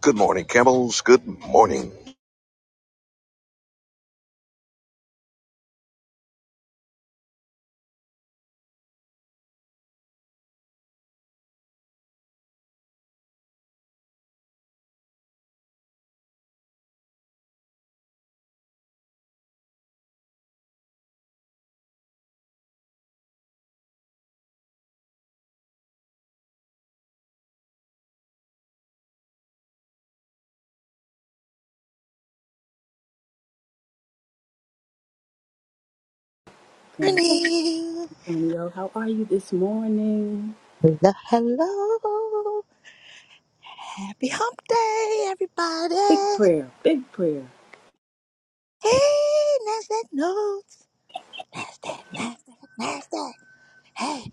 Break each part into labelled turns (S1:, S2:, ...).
S1: Good morning, Campbells. Good morning.
S2: San
S3: morning.
S2: Antonio. How are you this morning?
S3: Hello, hello. Happy hump day,
S2: Big
S3: everybody.
S2: prayer, big prayer.
S3: Hey, NASDAQ notes. NASDAQ, NASDAQ, NASDAQ. Hey,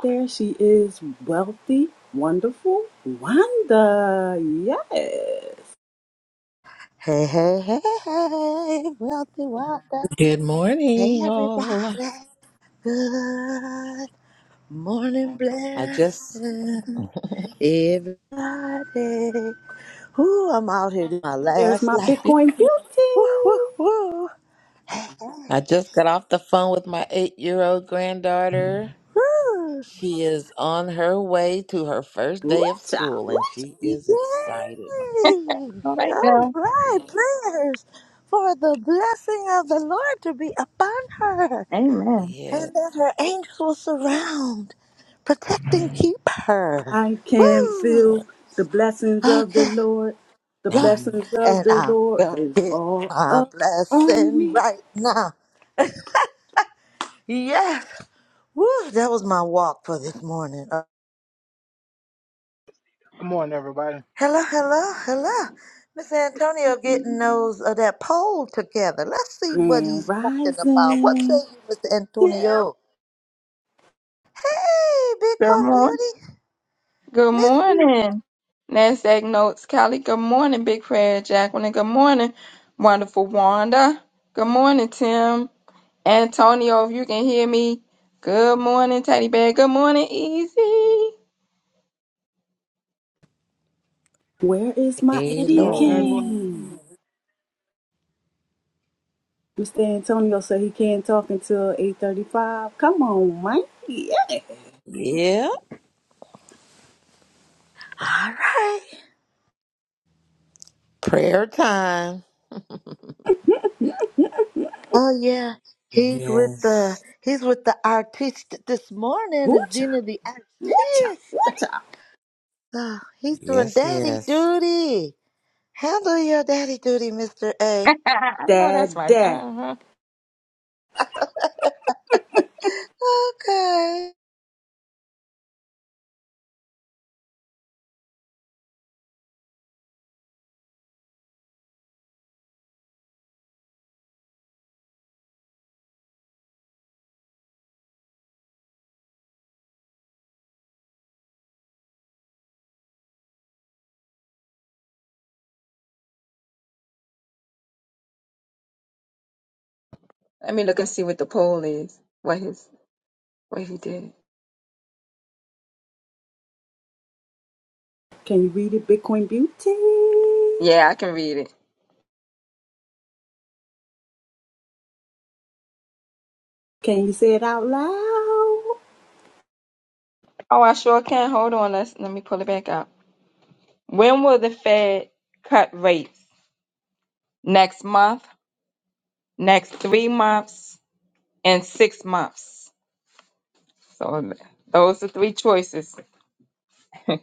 S2: There she is, wealthy, wonderful Wanda. Yes.
S3: hey, hey, hey, hey. Wealthy, wealthy.
S4: Good
S3: Hey,
S4: morning, all.
S3: everybody. Good morning,
S4: I just
S3: blessing. Everybody. Ooh, I'm out here doing my
S2: There's
S3: last
S2: my
S3: lap.
S2: Bitcoin beauty.
S3: Woo, woo, woo.
S4: I just got off the phone with my eight-year-old granddaughter.
S3: Hey.
S4: She is on her way to her first
S2: Ooh,
S4: day of
S2: child,
S4: school,
S2: ooh,
S4: and
S2: child.
S4: she
S3: Yay!
S4: is excited.
S5: All right
S3: All
S5: now.
S3: right,
S4: Yeah,
S3: prayers for the blessing of the Lord to be upon her,
S5: Amen.
S4: yeah.
S3: and that her angels will surround, protect, and keep her.
S2: I can
S4: Please,
S3: Woo!
S4: Lord.
S2: feel the blessings of the
S3: Okay,
S2: Lord. The
S3: Lord,
S4: Um,
S2: blessings of
S3: and
S2: the
S3: I'm
S2: Lord
S3: gonna
S2: is
S3: get
S2: all
S3: my
S2: up on
S3: blessing
S2: me.
S3: right now. Yes! Woo! That was my walk for this morning.
S6: Good morning, everybody.
S3: Hello, hello, hello. Miss Antonio getting
S5: Good
S3: those uh, that poll together. Let's see what
S2: Grand
S3: he's talking about. What say
S2: rising.
S3: you, Mr.
S2: Yeah.
S3: Antonio? Hey, Bitcoin
S5: morning.
S3: Beauty.
S5: Good
S3: Miss you.
S5: morning. NASDAQ notes, Callie. Good morning, Big Prayer Jacqueline. Good morning, wonderful Wanda. Good morning, Tim. Antonio, if you can hear me. Good morning, Teddy Bear. Good morning, Easy.
S2: Where is my
S6: Good
S2: Eddie
S6: morning, Angela.
S4: hello.
S2: Kane? Mr. Antonio said he can't talk until 8.35. Come on, man. Yeah.
S4: Yeah.
S3: All right.
S4: Prayer time.
S3: Oh yeah. He's with the
S4: Yes.
S3: he's with the artist this morning,
S2: Woocha,
S3: Zena the
S2: woocha,
S3: artist.
S2: woocha.
S3: So he's doing
S4: Yes.
S3: daddy
S4: Yes.
S3: duty. Handle your daddy duty, Mr. A.
S5: I know that's
S2: Dad,
S5: right.
S2: dad.
S5: Uh-huh.
S3: Okay.
S5: Let me look and see what the poll is. What his what he did.
S2: Can you read it, Bitcoin Beauty?
S5: Yeah, I can read it.
S2: Can you say it out loud?
S5: Oh, I sure can. Hold on. Let's let me pull it back up. When will the Fed cut rates? next month, next three months, and six months. So th- those are three choices.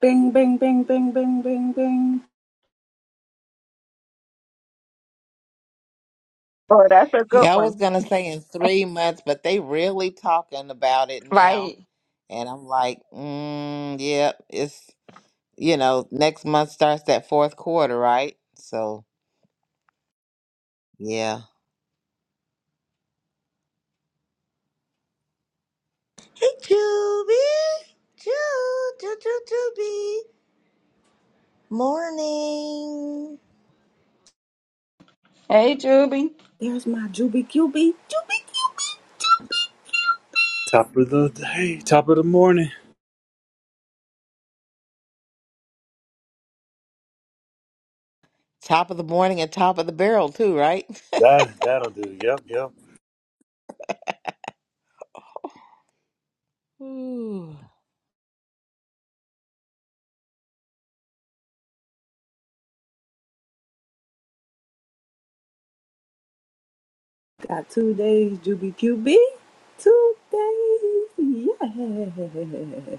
S2: Bing, bing, bing, bing, bing, bing, bing.
S5: Oh, that's a good
S4: Yeah, I was
S5: one.
S4: gonna say in three months, but they really talking about it now.
S5: Right.
S4: And I'm like, mm, yeah, it's, you know, next month starts that fourth quarter, right? So, yeah.
S3: Hey, Juby. Ju, Ju, Ju, Juby. Morning.
S5: Hey, Juby.
S2: There's my Juby QB. Juby QB.
S7: Top of the day, top of the morning.
S4: Top of the morning and top of the barrel, too, right?
S7: That that'll do. Yep, yep.
S4: Ooh.
S2: Got two days, Juby QB. Two days. Yeah.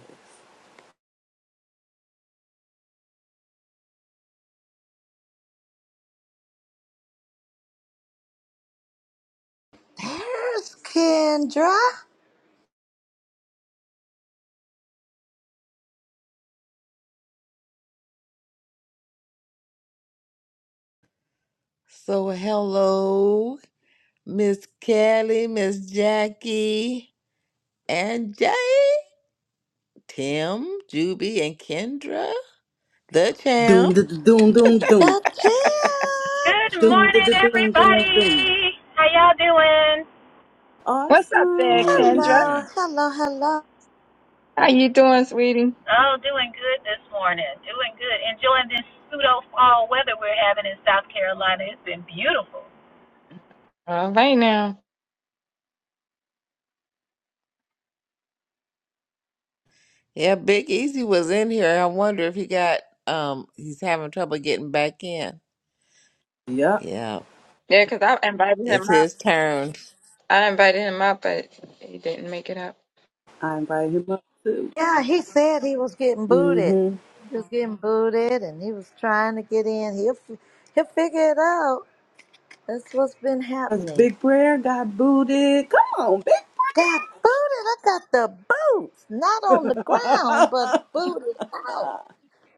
S3: There's Kendra.
S4: So, hello, Miss Kelly, Miss Jackie, and Jay, Tim, Juby, and Kendra, the
S2: Doom,
S4: champ.
S2: da, da, doom, doom, doom.
S3: The champ.
S8: Good
S2: Doom, da,
S8: morning,
S2: da, doom, doom, doom.
S8: everybody. How y'all doing?
S5: What's up
S6: Good
S5: there,
S6: morning. Good
S2: Awesome.
S5: Kendra?
S3: Hello,
S6: morning.
S3: hello, hello.
S5: How you doing, sweetie?
S8: Oh, doing good this morning. Doing good. Enjoying this pseudo fall weather we're having in South Carolina. It's been beautiful.
S5: All right now.
S4: Yeah, Big Easy was in here. I wonder if he got, um, he's having trouble getting back in.
S2: Yep.
S4: Yeah,
S5: Yeah, 'cause I invited him
S4: it's
S5: up.
S4: his turn.
S5: I invited him up, but he didn't make it up.
S2: I invited him up too.
S3: Yeah, he said he was getting booted.
S2: Mm-hmm.
S3: He was getting booted, and he was trying to get in. He'll f- he'll figure it out. That's what's been
S2: That's
S3: happening.
S2: Big Prayer got booted. Come on,
S3: Got booted. I got the boots, not
S2: Big.
S3: on the ground, but booted out.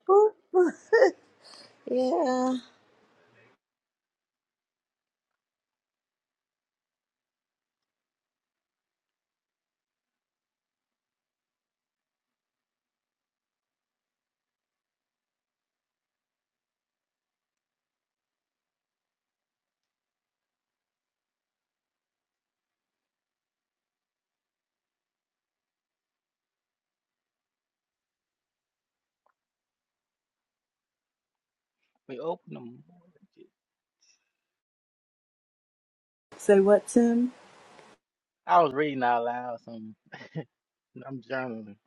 S3: Boot, boot. yeah.
S6: We open them.
S2: Say what, Tim?
S6: I was reading out loud some. I'm journaling.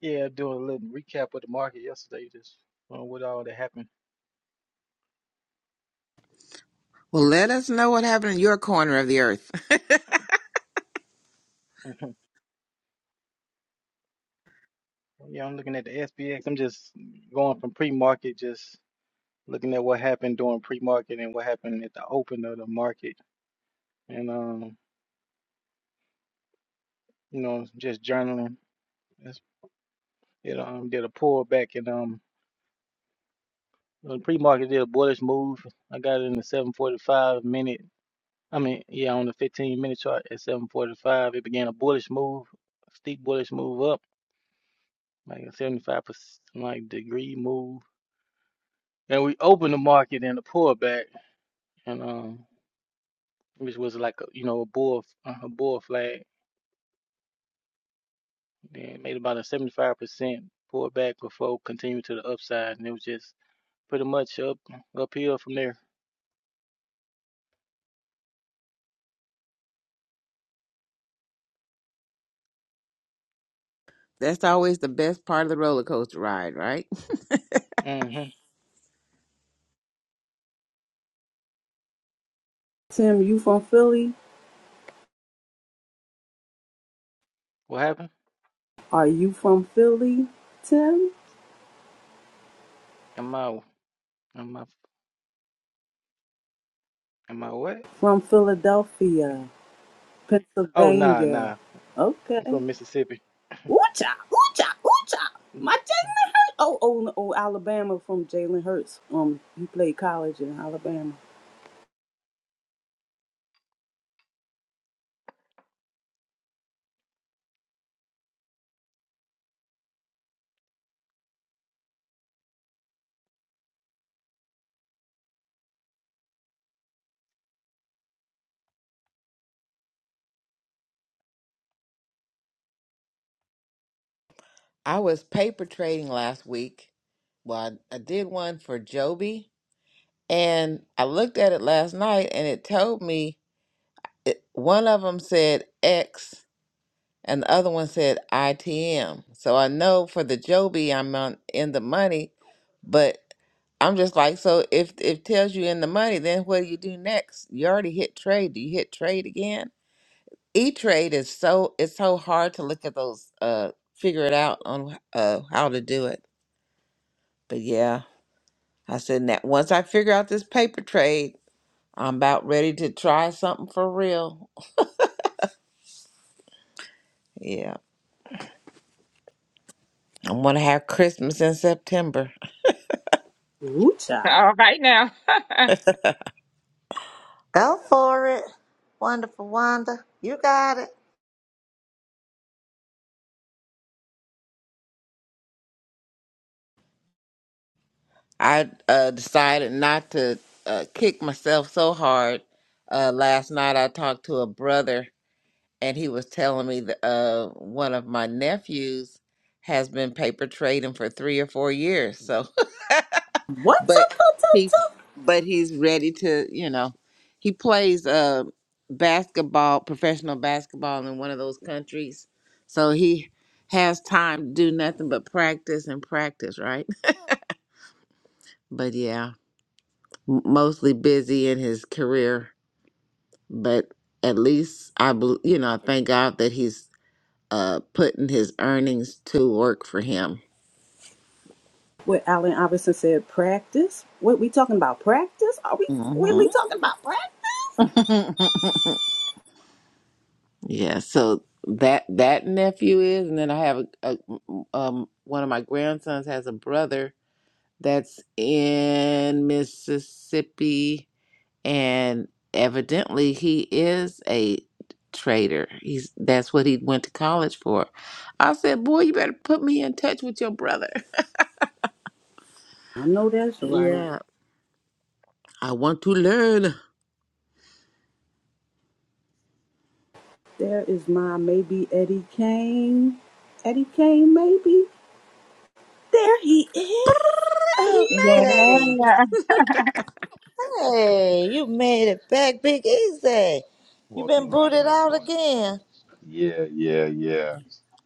S6: Yeah, doing a little recap of the market yesterday. Just uh, what all that happened.
S4: Well, let us know what happened in your corner of the earth.
S6: yeah, I'm looking at the SPX. I'm just going from pre-market, just looking at what happened during pre-market and what happened at the open of the market, and um, you know, just journaling. That's, it um did a pullback and um the pre-market did a bullish move. I got it in the 7:45 minute I mean, yeah, on the 15 minute chart at 745, it began a bullish move, steep bullish move up, like a 75 percent, like degree move. And we opened the market in a pullback, and um, which was like a you know a bull uh, a bull flag. Then made about a 75 percent pullback before continuing to the upside, and it was just pretty much up uphill from there.
S4: That's always the best part of the roller coaster ride, right?
S6: hmm
S2: Tim, you from Philly?
S6: What happened?
S2: Are you from Philly, Tim?
S6: Am I am I am I what?
S2: From Philadelphia,
S6: Oh nah
S2: Pennsylvania.
S6: nah,
S2: Okay.
S6: I'm from Mississippi.
S2: Ooh-cha, ooh-cha, ooh-cha. My
S6: Good
S2: Jalen Hurts. Oh, oh, no, oh, Alabama from Jalen Hurts. Um, he played college in Alabama.
S4: I was paper trading last week. Well, I, I did one for Joby, and I looked at it last night, and it told me it, one of them said X, and the other one said ITM. So I know for the Joby, I'm on, in the money, but I'm just like, so if if it tells you in the money, then what do you do next? You already hit trade. Do you hit trade again? E-Trade is so it's so hard to look at those uh figure it out on uh how to do it. But yeah, I said that once I figure out this paper trade, I'm about ready to try something for real. Yeah. I'm gonna have Christmas in September.
S2: Ooh-cha.
S5: All right now.
S3: Go for it. Wonderful Wanda. You got it.
S4: I uh decided not to uh kick myself so hard. Uh last night I talked to a brother and he was telling me that uh one of my nephews has been paper trading for three or four years. So
S2: What?
S4: but he's but he's ready to you know he plays uh basketball professional basketball in one of those countries so he has time to do nothing but practice and practice right but yeah m- mostly busy in his career but at least i bel you know i thank god that he's uh putting his earnings to work for him
S2: what Allen Iverson said, practice? What we talking about? Practice? Are we
S4: hmm
S2: really talking about practice?
S4: Yeah, so that that nephew is, and then I have a, a um one of my grandsons has a brother that's in Mississippi, and evidently he is a trader. He's that's what he went to college for. I said, boy, you better put me in touch with your brother.
S2: I know that's right.
S4: Yeah, I want to learn.
S2: There is my maybe Eddie Kane. Eddie Kane, maybe? There he
S4: He made it.
S3: Okay.
S5: Yeah.
S3: Hey, you made it back big easy. You've
S9: Wealthy
S3: been
S9: Rods
S3: booted
S9: and
S3: out
S9: everyone.
S3: again.
S9: Yeah, yeah, yeah.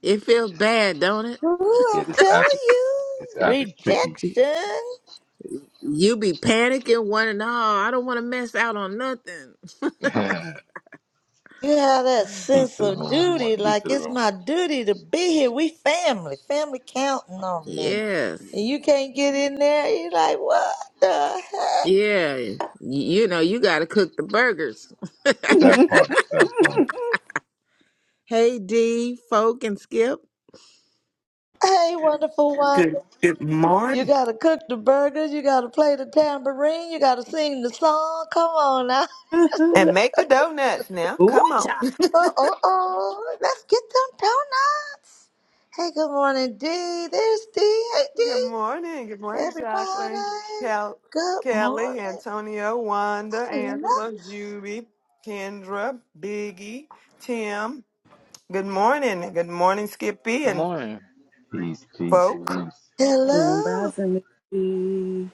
S4: It feels bad, don't it?
S3: Ooh,
S9: Yeah,
S3: I'm
S9: this
S3: telling
S9: app is this
S3: you.
S9: app is tricky.
S3: Rejection.
S4: You be panicking, one and all. I don't want to mess out on nothing.
S9: peace
S3: You have that sense
S9: to the
S3: of
S9: room, everyone.
S3: duty,
S9: Peace
S3: like
S9: to the
S3: it's
S9: room.
S3: my duty to be here. We family. Family counting on me.
S4: Yes.
S3: And you can't get in there. You're like, what the heck?
S4: Yeah. Y- You know, you got to cook the burgers.
S2: is.
S9: That part, that part.
S4: Hey, D, Folk, and Skip.
S3: Hey, wonderful Wanda.
S10: Good good
S3: You
S10: morning.
S3: gotta cook the burgers, you gotta play the tambourine, you gotta sing the song. Come on now.
S10: And make the donuts now.
S2: Ooh,
S10: Come on.
S2: child.
S3: Uh oh oh. Let's get them donuts. Hey, good morning, D. There's D. Hey D.
S10: Good morning. Good morning, Jacqueline,
S3: Everybody.
S10: Cal-
S3: Good
S10: Kelly,
S3: morning.
S10: Antonio, Wanda,
S3: Hello.
S10: Angela, Juby, Kendra, Biggie, Tim. Good morning. and Good morning, Skippy and
S6: morning.
S9: Peace, peace,
S10: folk.
S9: peace.
S2: Grand
S3: Hello,
S2: Rising Missy.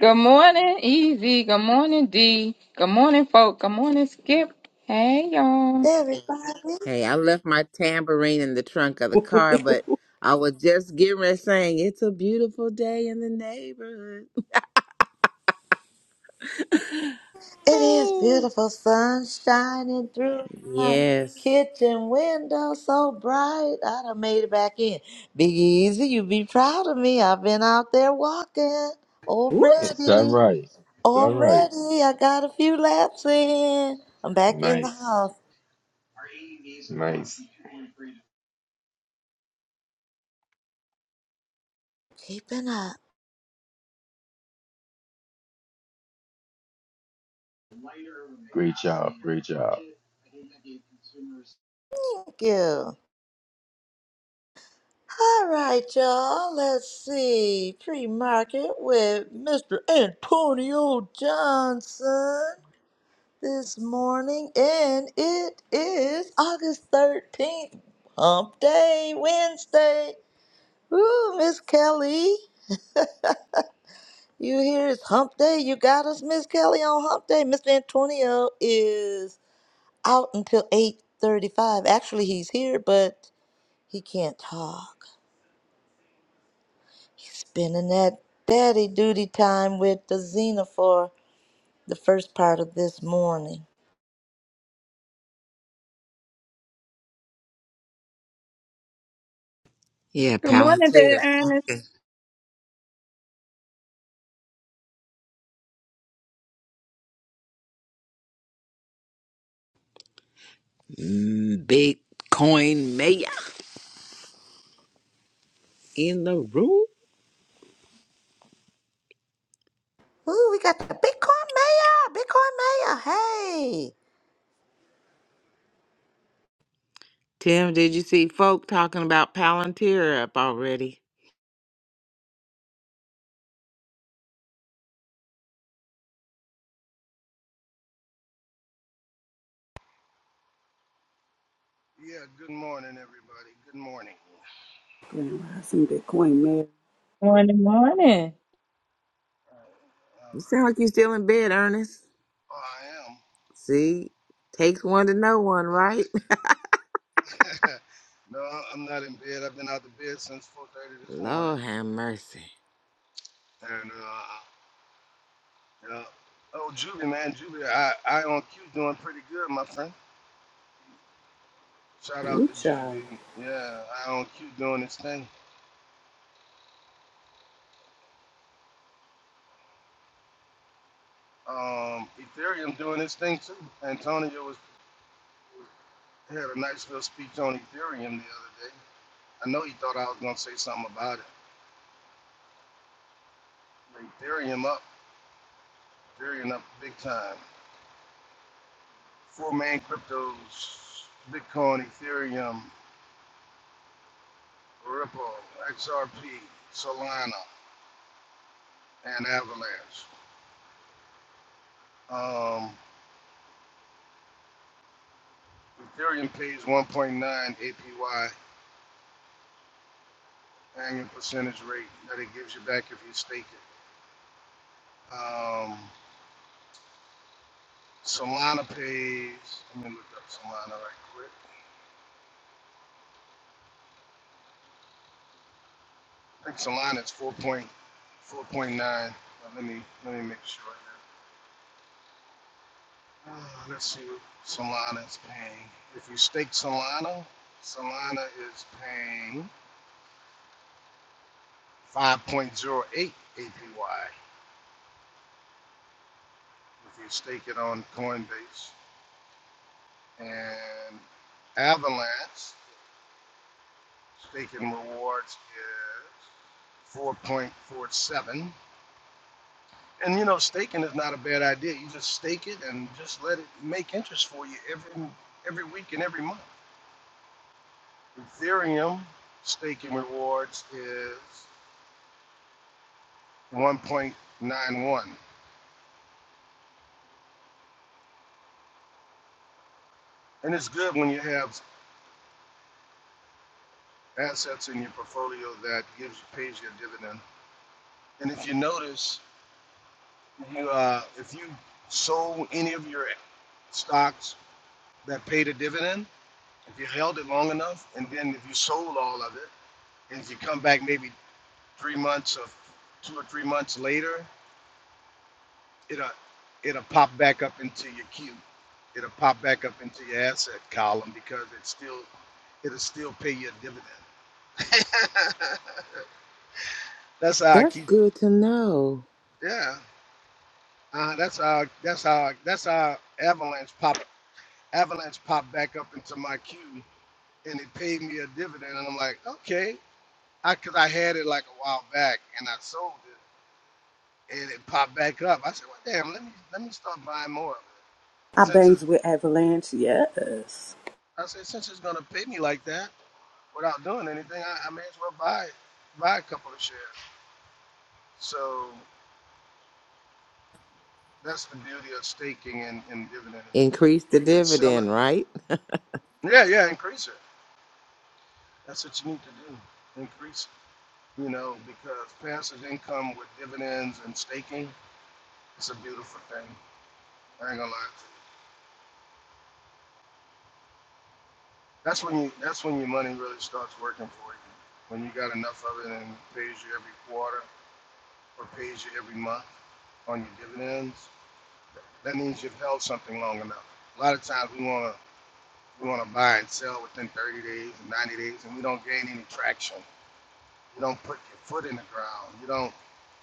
S5: Good morning, Easy. Good morning, D. Good morning, folk. Good morning, Skip. Hey, y'all.
S3: everybody.
S4: Hey, I left my tambourine in the trunk of the car, but I was just getting ready saying, It's a beautiful day in the neighborhood.
S3: It is
S4: Oh.
S3: beautiful sun shining through my
S4: Yes.
S3: kitchen window so bright. I done made it back in. Big Easy, you be proud of me. I've been out there walking
S2: Ooh, child.
S9: Is that
S3: already.
S9: right? Is that right?
S3: Already, I got a few laps in. I'm back in the
S9: Nice.
S3: house.
S9: Nice.
S3: Keeping up.
S9: Great job. Great job.
S3: Thank you. All right, y'all. Let's see. Pre market with Mr. Antonio Johnson. this morning, and it is August 13th, Hump Day, Wednesday. Woo, Miss Kelly. You here? it's Hump Day. You got us, Miss Kelly, on Hump Day. Mr. Antonio is out until 8.35. Actually, he's here, but he can't talk. He's spending that daddy duty time with the Xena for the first part of this morning.
S4: Yeah,
S5: Good morning,
S4: Palantir
S5: there,
S4: is
S5: Ernest.
S4: popping. Mm, Bitcoin mayor in the room.
S3: Ooh, we got the Bitcoin Mayor, Bitcoin Mayor. Hey!
S4: Tim, did you see folk talking about Palantir up already?
S11: Yeah, good morning, everybody. Good morning.
S2: Grand Rising Bitcoin Mary.
S5: Morning, morning.
S11: All right.
S4: You sound like you are still in bed, Ernest.
S11: All
S4: See, takes one to know one, right?
S11: right. Oh, I am. no, I- am not in bed. I've been out of bed since 4.30 this morning.
S4: Lord have mercy.
S11: And, uh, yeah. Oh, Juvie, man. Juvie, I, I on Q doing pretty good, my friend. Shout out
S2: Ooh,
S11: to
S2: child.
S11: Juvie. Yeah, I on Q doing this thing. Um, Ethereum doing this thing, too. Antonio was had a nice little speech on Ethereum the other day. I know he thought I was going to say something about it. Ethereum up. Varying up big time. Four main cryptos Bitcoin, Ethereum, Ripple, XRP, Solana, and Avalanche. Um, Ethereum pays 1.9 APY annual percentage rate that it gives you back if you stake it. Um, Solana pays, let me look up Solana right quick. I think Solana is 4.4.9. Let me, let me make sure. Uh, let's see what Solana is paying. If you stake Solana, Solana is paying 5.08 APY. If you stake it on Coinbase and Avalanche, staking rewards is 4.47. And you know, staking is not a bad idea. You just stake it and just let it make interest for you every every week and every month. Ethereum staking rewards is 1.91. And it's good when you have assets in your portfolio that gives pays you a dividend. And if you notice, you uh, if you sold any of your stocks that paid a dividend, if you held it long enough, and then if you sold all of it, and if you come back maybe three months or two or three months later, it'll it'll pop back up into your queue. It'll pop back up into your asset column because it's still it'll still pay you a dividend. that's how I
S4: That's
S11: keep.
S4: good to know.
S11: Yeah, uh, that's how. That's how. That's how Avalanche pop. Avalanche popped back up into my queue, and it paid me a dividend. And I'm like, okay, I because I had it like a while back, and I sold it, and it popped back up. I said, well, damn, let me let me start buying more of it.
S2: I
S11: Since it's,
S2: bangs with Avalanche, yes.
S11: I said, since it's gonna pay me like that without doing anything, I, I may as well buy buy a couple of shares. So that's the beauty of staking and, and dividends.
S4: Increase the
S11: You can sell it
S4: dividend, right?
S11: Yeah, yeah, increase it. That's what you need to do. Increase, you know, because passive income with dividends and staking, it's a beautiful thing. I ain't gonna lie. to you. That's when you that's when your money really starts working for you. When you got enough of it and it pays you every quarter or pays you every month on your dividends, that means you've held something long enough. A lot of times we wanna we wanna buy and sell within 30 days and 90 days, and we don't gain any traction. You don't put your foot in the ground. You don't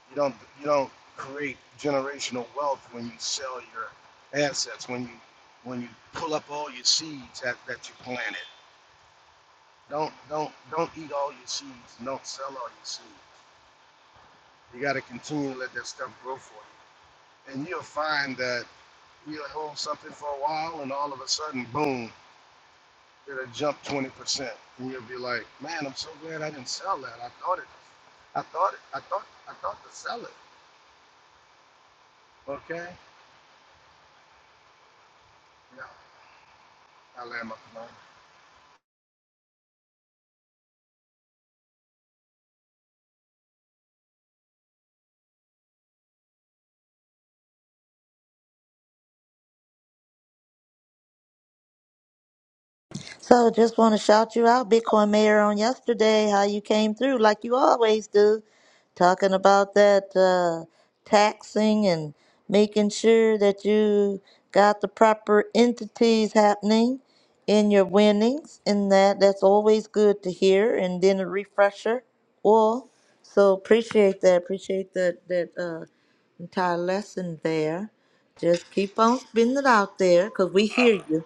S11: You don't you don't create generational wealth when you sell your assets, when you when you pull up all your seeds that, that you planted. Don't don't don't eat all your seeds. Don't sell all your seeds. You gotta continue to let that stuff grow for you. And you'll find that you'll hold something for a while and all of a sudden, boom, it'll jump twenty percent. And you'll be like, Man, I'm so glad I didn't sell that. I thought it I thought it I thought I thought to sell it. Okay? Yeah, I land my plane.
S3: So just want to shout you out, Bitcoin Mayor, on yesterday, how you came through like you always do, talking about that uh, taxing and making sure that you got the proper entities happening in your winnings, and that that's always good to hear. And then a refresher, well, so appreciate that, appreciate that that uh, entire lesson there. Just keep on spinning it out there, cause we hear you.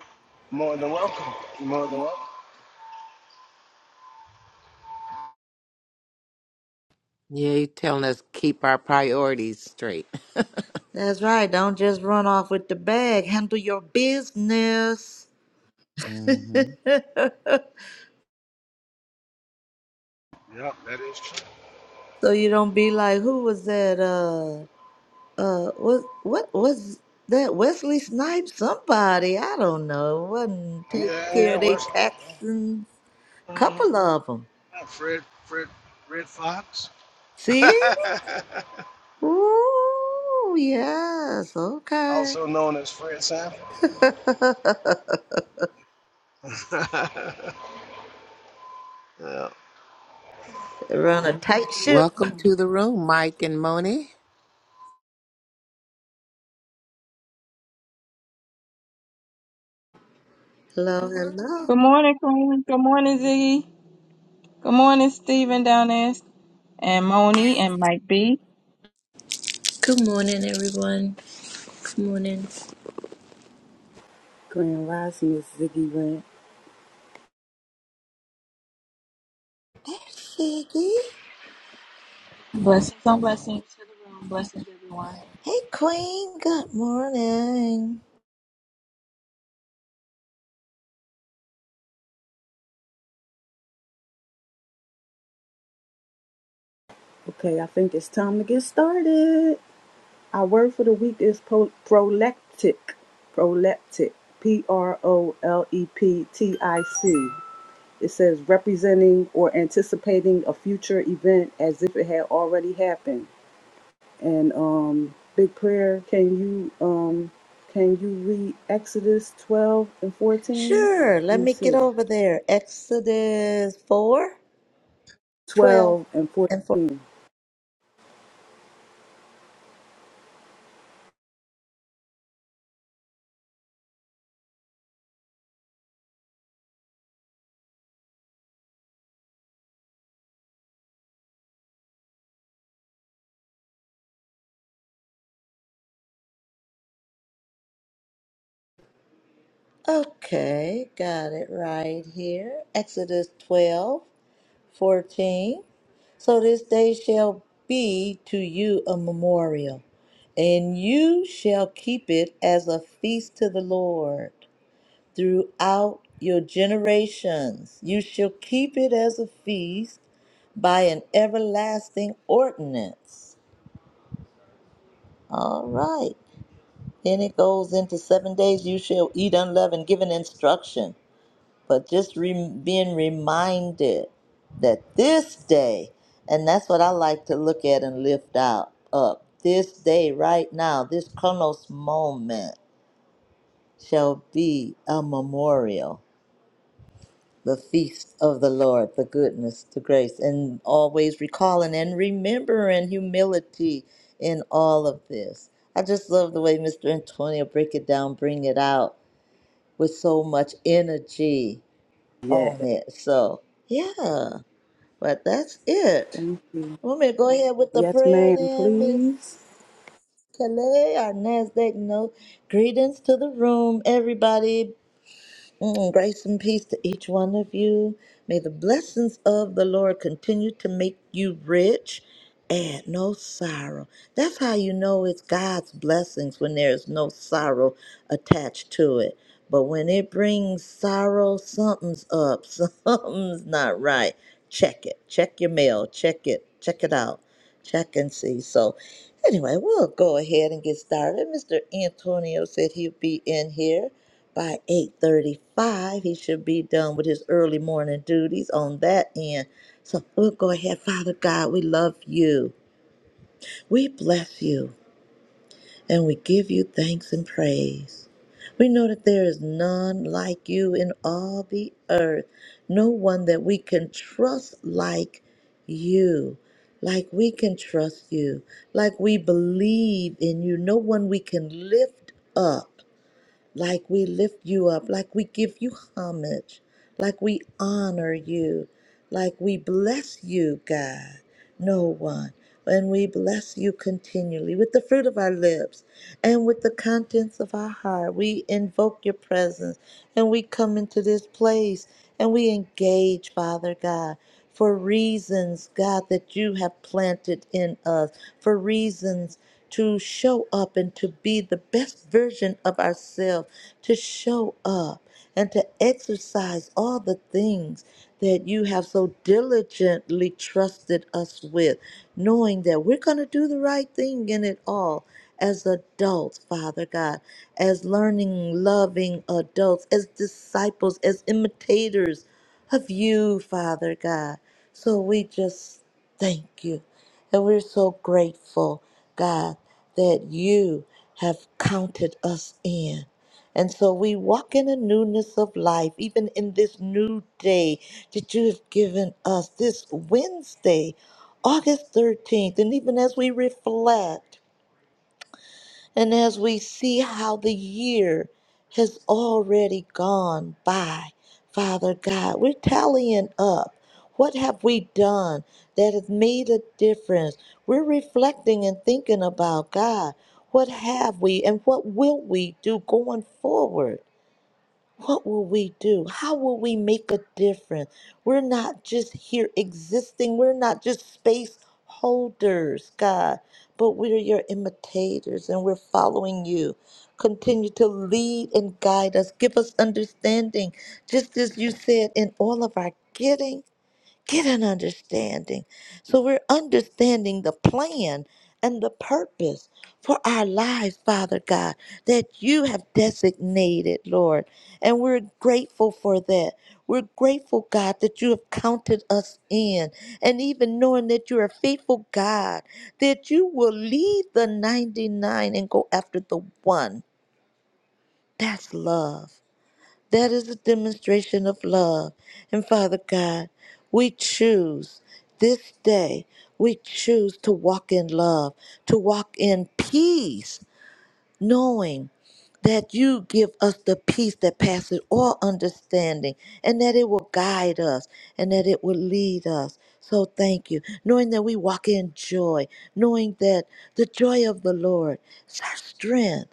S11: More than welcome. More than welcome.
S4: Yeah, you telling us keep our priorities straight.
S3: That's right. Don't just run off with the bag. Handle your business. so
S4: hmm
S11: Yep, that is true.
S3: you don't be like, who was that? Uh, uh, what, what was that? Wesley Snipes? Somebody I don't know. Wasn't taking
S11: Yeah,
S3: care
S11: yeah,
S3: of they
S11: Wesley.
S3: taxes.
S11: Uh
S3: Couple
S11: huh.
S3: of them.
S11: Fred, Fred, Fred Fox.
S3: See? Ooh, yes. Okay.
S11: Also known as Fred Sanford. yeah.
S3: Run a tight ship.
S4: Welcome to the room, Mike and Moni.
S3: Hello, hello.
S5: Good morning, Queen. Good morning, Ziggy. Good morning, Stephen down there, and Moni and Mike B.
S12: Good morning, everyone. Good morning.
S2: Grand Rising is Ziggy Rant.
S3: Siggy.
S13: Blessings on blessings to the room. Blessings, everyone.
S3: Hey, Queen. Good morning.
S2: Okay, I think it's time to get started. Our word for the week is pro- proleptic. Proleptic. P R O L E P T I C. It says representing or anticipating a future event as if it had already happened. And um, big prayer. Can you um, can you read Exodus twelve and fourteen?
S3: Sure, let
S2: Let me
S3: me get
S2: see.
S3: over there. Exodus 4 12
S2: Twelve and
S3: and 4.
S2: fourteen.
S3: Okay, got it right here. Exodus 12 14. So this day shall be to you a memorial, and you shall keep it as a feast to the Lord throughout your generations. You shall keep it as a feast by an everlasting ordinance. All right. Then it goes into seven days you shall eat unleavened, given instruction, but just re- being reminded that this day, and that's what I like to look at and lift out up. This day, right now, this Kronos moment shall be a memorial, the feast of the Lord, the goodness, the grace, and always recalling and remembering humility in all of this. I just love the way Mr. Antonio break it down, bring it out with so much energy
S2: Yeah.
S3: on it. So, yeah, but that's it.
S2: Thank you.
S3: Want me to go ahead with the
S2: Yes,
S3: prayer
S2: ma'am.
S3: then, Miss
S2: Please.
S3: Calais? Our NASDAQ note. Greetings to the room, everybody. Mm, grace and peace to each one of you. May the blessings of the Lord continue to make you rich and no sorrow. That's how you know it's God's blessings when there is no sorrow attached to it. But when it brings sorrow, something's up, something's not right. Check it. Check your mail. Check it. Check it out. Check and see. So, anyway, we'll go ahead and get started. Mr. Antonio said he'd be in here by 8.35 he should be done with his early morning duties on that end so we'll go ahead father god we love you we bless you and we give you thanks and praise we know that there is none like you in all the earth no one that we can trust like you like we can trust you like we believe in you no one we can lift up like we lift you up, like we give you homage, like we honor you, like we bless you, God. No one. And we bless you continually with the fruit of our lips and with the contents of our heart. We invoke your presence and we come into this place and we engage, Father God for reasons, God, that you have planted in us, for reasons to show up and to be the best version of ourselves, to show up and to exercise all the things that you have so diligently trusted us with, knowing that we're going to do the right thing in it all as adults, Father God, as learning, loving adults, as disciples, as imitators of you, Father God. So we just thank you. And we're so grateful, God, that you have counted us in. And so we walk in a newness of life, even in this new day that you have given us, this Wednesday, August 13th. And even as we reflect, and as we see how the year has already gone by, Father God, we're tallying up. What have we done that has made a difference? We're reflecting and thinking about God. What have we and what will we do going forward? What will we do? How will we make a difference? We're not just here existing. We're not just space holders, God, but we're your imitators and we're following you. Continue to lead and guide us. Give us understanding, just as you said, in all of our getting Get an understanding. So we're understanding the plan and the purpose for our lives, Father God, that you have designated, Lord. And we're grateful for that. We're grateful, God, that you have counted us in. And even knowing that you're a faithful God, that you will leave the 99 and go after the one. That's love. That is a demonstration of love. And Father God, we choose this day, we choose to walk in love, to walk in peace, knowing that you give us the peace that passes all understanding and that it will guide us and that it will lead us. So thank you. Knowing that we walk in joy, knowing that the joy of the Lord is our strength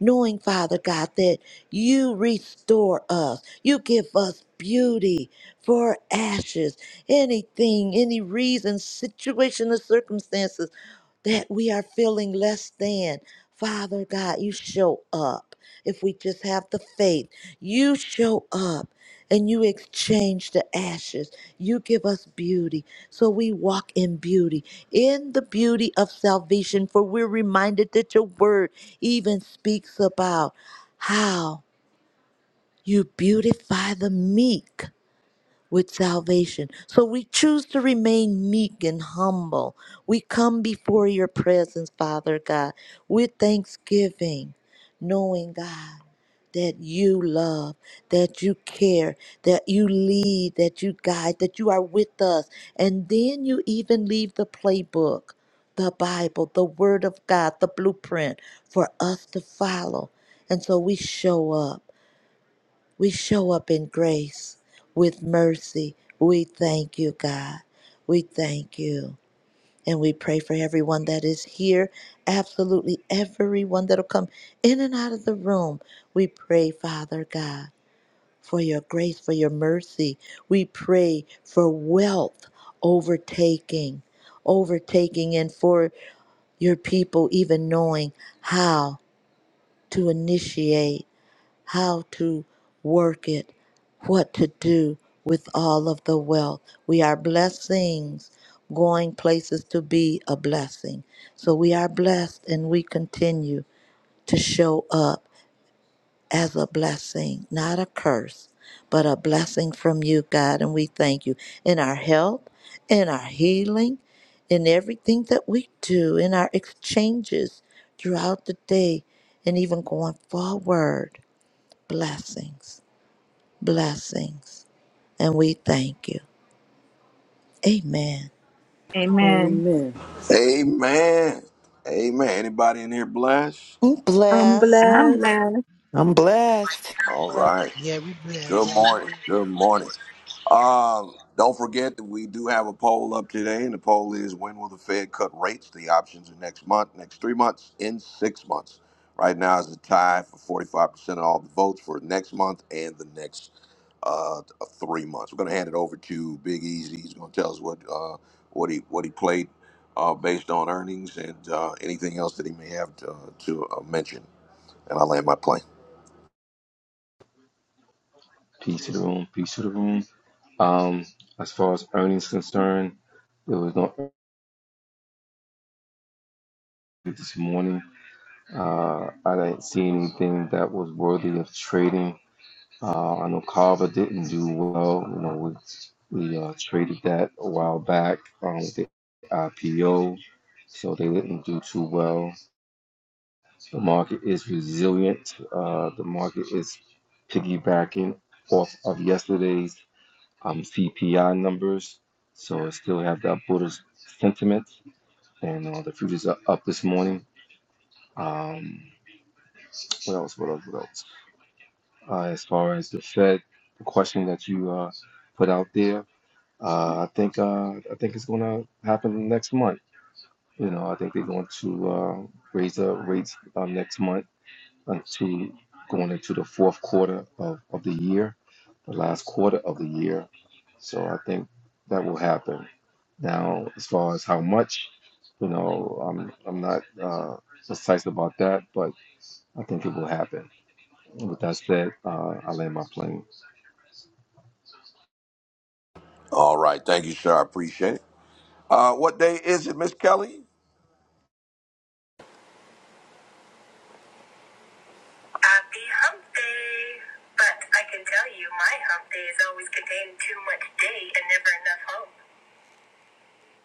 S3: knowing, Father God, that you restore us. You give us beauty for ashes, anything, any reason, situation, or circumstances that we are feeling less than. Father God, you show up. If we just have the faith, you show up and you exchange the ashes. You give us beauty. So we walk in beauty, in the beauty of salvation, for we're reminded that your word even speaks about how you beautify the meek with salvation. So we choose to remain meek and humble. We come before your presence, Father God, with thanksgiving, knowing, God, that you love, that you care, that you lead, that you guide, that you are with us. And then you even leave the playbook, the Bible, the Word of God, the blueprint for us to follow. And so we show up. We show up in grace with mercy. We thank you, God. We thank you. And we pray for everyone that is here, absolutely everyone that'll come in and out of the room. We pray, Father God, for your grace, for your mercy. We pray for wealth overtaking, overtaking, and for your people even knowing how to initiate how to work it, what to do with all of the wealth. We are blessings going places to be a blessing. So we are blessed and we continue to show up as a blessing, not a curse, but a blessing from you, God. And we thank you in our health, in our healing, in everything that we do, in our exchanges throughout the day, and even going forward. Blessings blessings, and we thank you. Amen.
S5: Amen.
S2: Amen.
S1: Amen. Amen. Anybody in here blessed?
S3: I'm
S2: I'm
S3: blessed
S5: I'm
S2: blessed.
S5: glad.
S10: I'm blessed.
S1: All
S13: Praise.
S1: right.
S11: Yeah, we
S1: Good
S11: blessed.
S1: morning. Good morning. Um, don't forget that we do have a poll up today, and the poll is when will the Fed cut rates? The options are next month, next three months, in six months. Right now is the tie for 45% of all the votes for next month and the next uh, three months. We're going to hand it over to Big Easy. He's going to tell us what uh, what he what he played uh, based on earnings and uh, anything else that he may have to, uh, to uh, mention. And I land my plane.
S9: Peace to the room. Peace to the room. Um, as far as earnings concerned, there was no earnings this morning. Uh, I didn't see anything that was worthy of trading. Uh, I know Carver didn't do well. You know, we we uh, traded that a while back um, with the IPO, so they didn't do too well. The market is resilient. Uh, the market is piggybacking off of yesterday's um, CPI numbers, so it still have that bullish sentiment. And uh, the futures are up this morning. Um, what else? What else? What else? uh, as far as the Fed, the question that you uh, put out there. Uh, I think uh, I think it's going to happen next month. You know, I think they're going to uh, raise the rates uh, next month until going into the fourth quarter of, of the year, the last quarter of the year. So I think that will happen. Now, as far as how much, you know, I'm I'm not uh, precise about that, but I think it will happen. With that said, uh, I land my plane.
S1: All right, thank you, sir. I appreciate it. Uh, what day is it, Miss Kelly?
S2: Happy hump day! But I can tell you, my hump day is always contained too much day and never enough hump.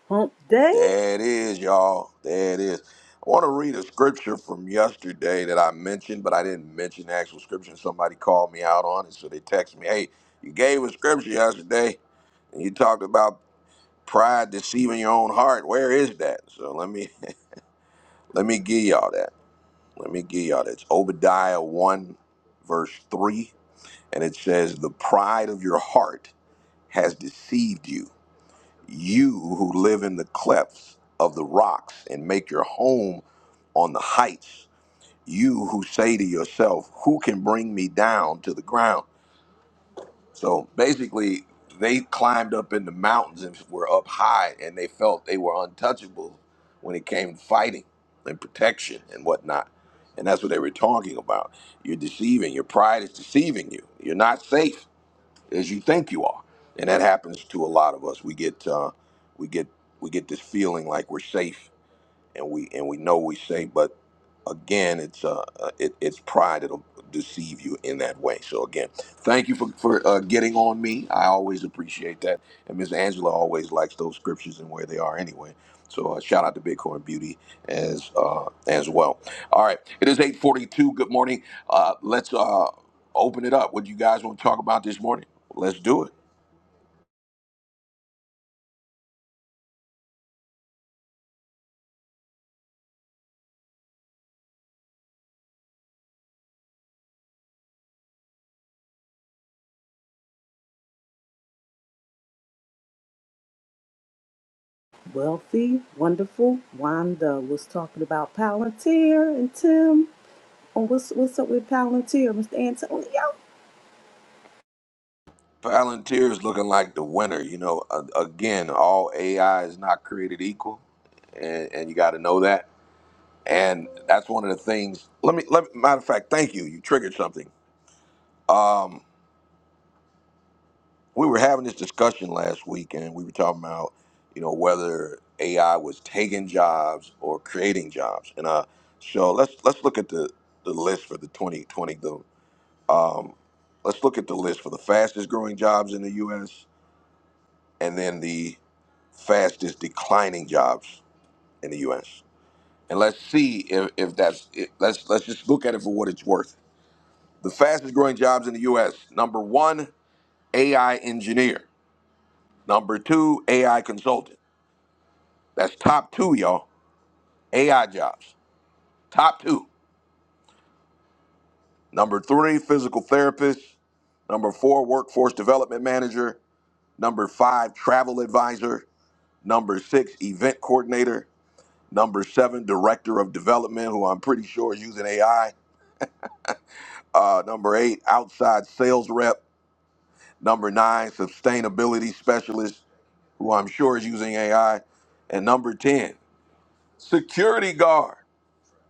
S2: Hump day?
S1: There it is, y'all. There it is. I want to read a scripture from yesterday that I mentioned, but I didn't mention the actual scripture. Somebody called me out on it, so they texted me, "Hey, you gave a scripture yesterday, and you talked about pride deceiving your own heart. Where is that?" So let me let me give y'all that. Let me give y'all that. It's Obadiah one, verse three, and it says, "The pride of your heart has deceived you." You who live in the clefts of the rocks and make your home on the heights, you who say to yourself, Who can bring me down to the ground? So basically, they climbed up in the mountains and were up high, and they felt they were untouchable when it came to fighting and protection and whatnot. And that's what they were talking about. You're deceiving. Your pride is deceiving you. You're not safe as you think you are. And that happens to a lot of us. We get uh, we get we get this feeling like we're safe and we and we know we say, but again, it's uh, uh, it, it's pride that'll deceive you in that way. So again, thank you for for uh, getting on me. I always appreciate that, and Miss Angela always likes those scriptures and where they are anyway. So uh, shout out to Bitcoin Beauty as uh, as well. All right, it is eight forty two. Good morning. Uh, let's uh, open it up. What do you guys want to talk about this morning? Let's do it.
S2: Wealthy, wonderful. Wanda was talking about Palantir and Tim. Oh, what's what's up with Palantir, Mr. Antonio?
S1: Palantir is looking like the winner. You know, A- again, all AI is not created equal, and, and you got to know that. And that's one of the things. Let me, let me. matter of fact, thank you. You triggered something. Um, we were having this discussion last week, and we were talking about, you know, whether AI was taking jobs or creating jobs. And uh, so let's let's look at the the list for the 2020. The um, let's look at the list for the fastest growing jobs in the U.S. and then the fastest declining jobs in the U.S. And let's see if, if that's it. let's let's just look at it for what it's worth. The fastest growing jobs in the U.S. Number one, AI engineer. Number two, AI consultant. That's top two, y'all. AI jobs, top two. Number three, physical therapist. Number four, workforce development manager. Number five, travel advisor. Number six, event coordinator. Number seven, director of development, who I'm pretty sure is using AI. Uh, number eight, outside sales rep. Number nine, sustainability specialist, who I'm sure is using AI. And number 10, security guard.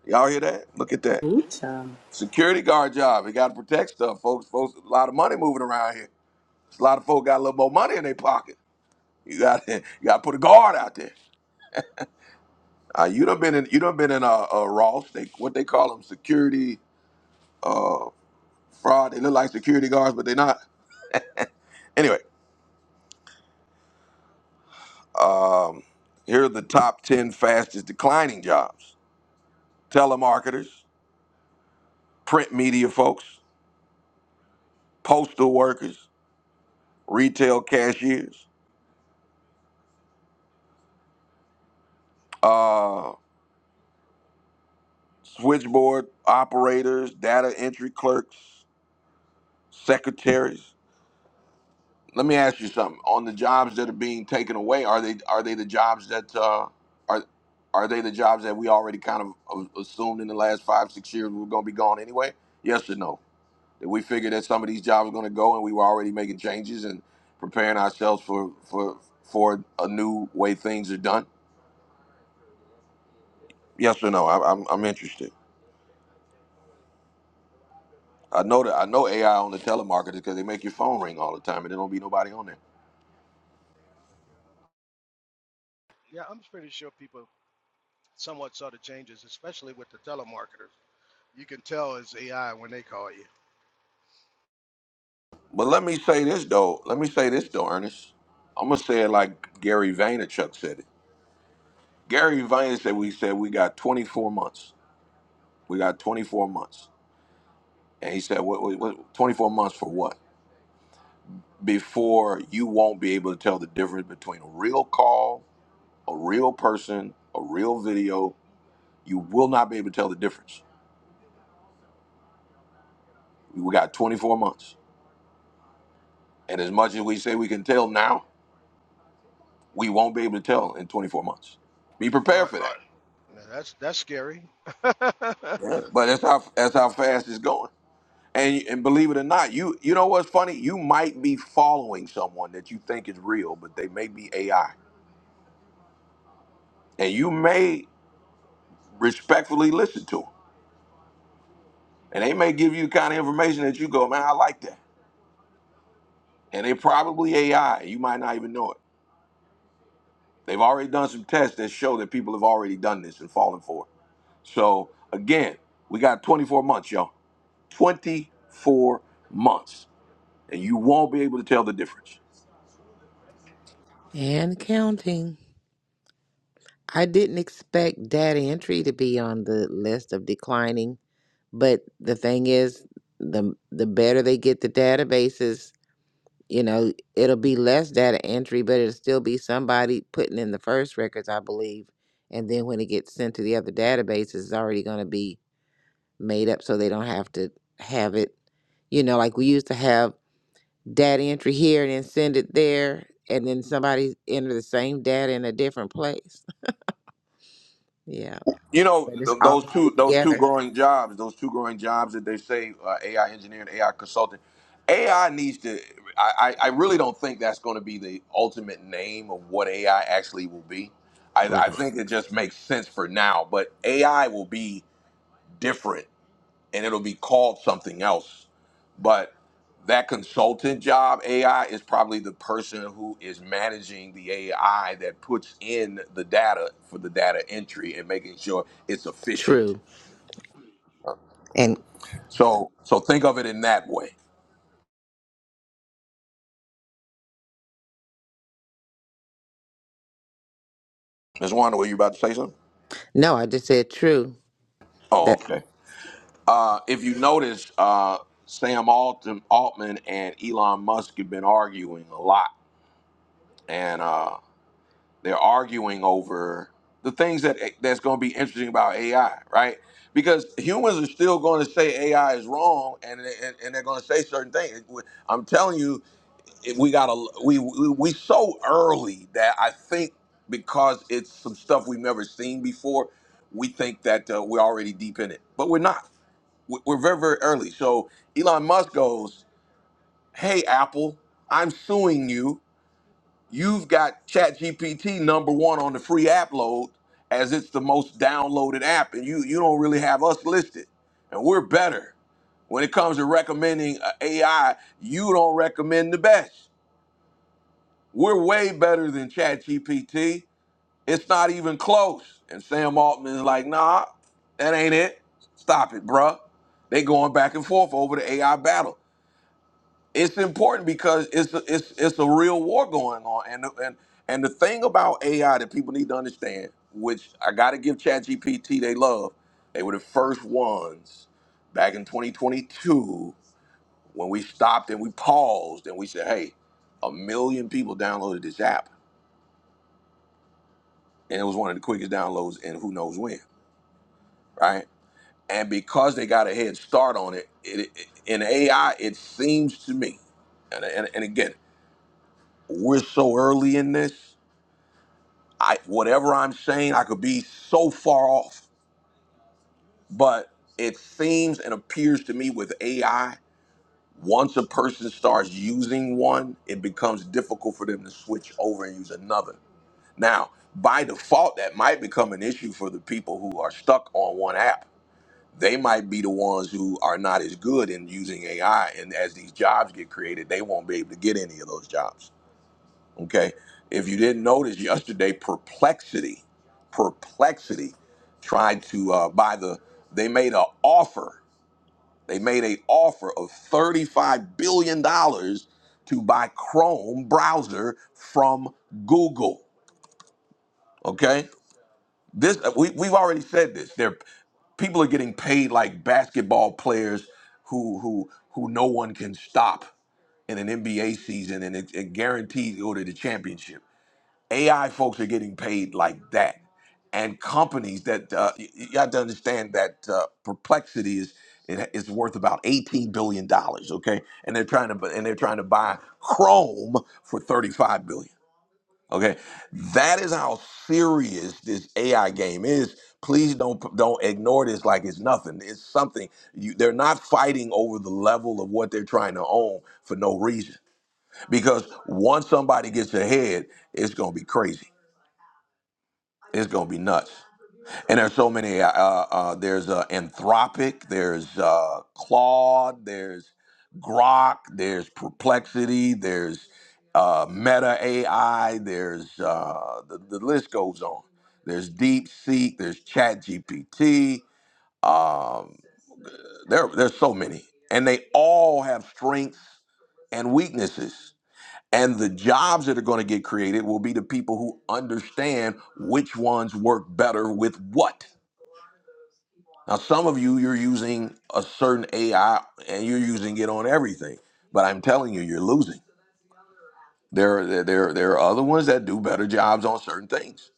S1: Y'all hear that? Look at that.
S2: Ooh, child.
S1: Security guard job. You got to protect stuff, folks. Folks, a lot of money moving around here. A lot of folks got a little more money in their pocket. You got you got to put a guard out there. Uh, you done been in you done been in a, a Ross. They what they call them security uh, fraud. They look like security guards, but they're not. Anyway, Um, here are the top 10 fastest declining jobs telemarketers, print media folks, postal workers, retail cashiers, uh, switchboard operators, data entry clerks, secretaries. Let me ask you something. On the jobs that are being taken away, are they are they the jobs that uh, are are they the jobs that we already kind of uh, assumed in the last five six years were going to be gone anyway? Yes or no? that we figured that some of these jobs were going to go, and we were already making changes and preparing ourselves for for for a new way things are done. Yes or no? I, I'm I'm interested. I know that I know AI on the telemarketers because they make your phone ring all the time, and there don't be nobody on there.
S11: yeah, I'm pretty sure people somewhat saw the changes, especially with the telemarketers. You can tell it's AI when they call you,
S1: But let me say this though. Let me say this though, Ernest. I'm gonna say it like Gary Vaynerchuk said it. Gary Vaynerchuk said we said we got 24 months. We got 24 months, and he said, "What? what, what 24 months for what?" before you won't be able to tell the difference between a real call, a real person, a real video. You will not be able to tell the difference. We got 24 months. And as much as we say we can tell now, we won't be able to tell in 24 months. Be prepared
S11: but
S1: for that.
S11: you know, that's that's scary.
S1: Right. Yeah. But that's how that's how fast it's going. And and believe it or not, you you know what's funny? You might be following someone that you think is real, but they may be AI. And you may respectfully listen to them And they may give you the kind of information that you go, man, I like that. And they probably AI. You might not even know it. They've already done some tests that show that people have already done this and fallen for it. So again, we got 24 months, y'all. 24 months. And you won't be able to tell the difference.
S4: And counting. I didn't expect data entry to be on the list of declining But the thing is, the the better they get the databases, you know, it'll be less data entry, but it'll still be somebody putting in the first records, I believe. And then when it gets sent to the other databases, it's already going to be made up, so they don't have to have it. You know, like we used to have data entry here and then send it there, and then somebody enter the same data in a different place. Yeah,
S1: You know
S4: but it's
S1: th-
S4: all
S1: those
S4: going to be
S1: two those two
S4: together.
S1: growing jobs, those two growing jobs that they say uh, AI engineer and AI consultant. AI needs to. I, I I really don't think that's going to be the ultimate name of what AI actually will be. I, I
S4: Right.
S1: think it just makes sense for now, but AI will be different and it'll be called something else but that consultant job AI is probably the person who is managing the AI that puts in the data for the data entry and making sure it's efficient.
S4: True. And
S1: So so think of it in that way. Ms. Wanda, were you about to say something?
S4: no, I just said true.
S1: Oh, okay. Uh, if you notice, uh, Sam Altman, Altman and Elon Musk have been arguing a lot, and uh, They're arguing over the things that that's going to be interesting about AI, right? Because humans are still going to say AI is wrong, and and, and they're going to say certain things. I'm telling you, it- we got to we, we we so early that I think because it's some stuff we've never seen before, we think that uh, we're already deep in it, but we're not. We- We're very very early. So Elon Musk goes, "Hey Apple, I'm suing you." You've got ChatGPT number one on the free app load as it's the most downloaded app, and you you don't really have us listed. And we're better when it comes to recommending uh, AI. You don't recommend the best. We're way better than ChatGPT. It's not even close. And Sam Altman is like, nah, that ain't it. Stop it, bruh. They going back and forth over the AI battle it's important because it's a, it's it's a real war going on, and and and the thing about AI that people need to understand, which I got to give ChatGPT they love, they were the first ones back in 2022 when we stopped and we paused and we said, hey, a million people downloaded this app, and it was one of the quickest downloads in who knows when, right? And because they got a head start on it, it, it in AI, it seems to me, and, and, and again, we're so early in this I whatever I'm saying, I could be so far off. But it seems and appears to me with AI, once a person starts using one, it becomes difficult for them to switch over and use another. Now, by default, that might become an issue for the people who are stuck on one app. They might be the ones who are not as good in using AI, and as these jobs get created, they won't be able to get any of those jobs. Okay. If you didn't notice yesterday, Perplexity, Perplexity tried to uh, buy the, they made an offer. They made an offer of $35 billion dollars to buy Chrome browser from Google. Okay. This, uh, we, we've already said this. They're, people are getting paid like basketball players who, who, who no one can stop in an NBA season and it, it guarantees to go to the championship AI folks are getting paid like that, and companies that uh, y- y- you have to understand that uh, Perplexity is it is worth about eighteen billion dollars. Okay, and they're trying to bu- and they're trying to buy Chrome for thirty five billion. Okay, that is how serious this AI game is. Please don't don't ignore this like it's nothing. It's something. You, they're not fighting over the level of what they're trying to own for no reason. Because once somebody gets ahead, it's going to be crazy. It's gonna be nuts. And there's so many. Uh, uh, uh, there's uh, Anthropic. There's uh, Claude. There's Grok. There's Perplexity. There's uh, Meta AI. There's uh, the, the list goes on. There's DeepSeek. There's ChatGPT. Um, there, there's so many, and they all have strengths and weaknesses. And the jobs that are going to get created will be the people who understand which ones work better with what. Now, some of you, you're using a certain AI and you're using it on everything, but I'm telling you, you're losing. There, are- there, there are other ones that do better jobs on certain things.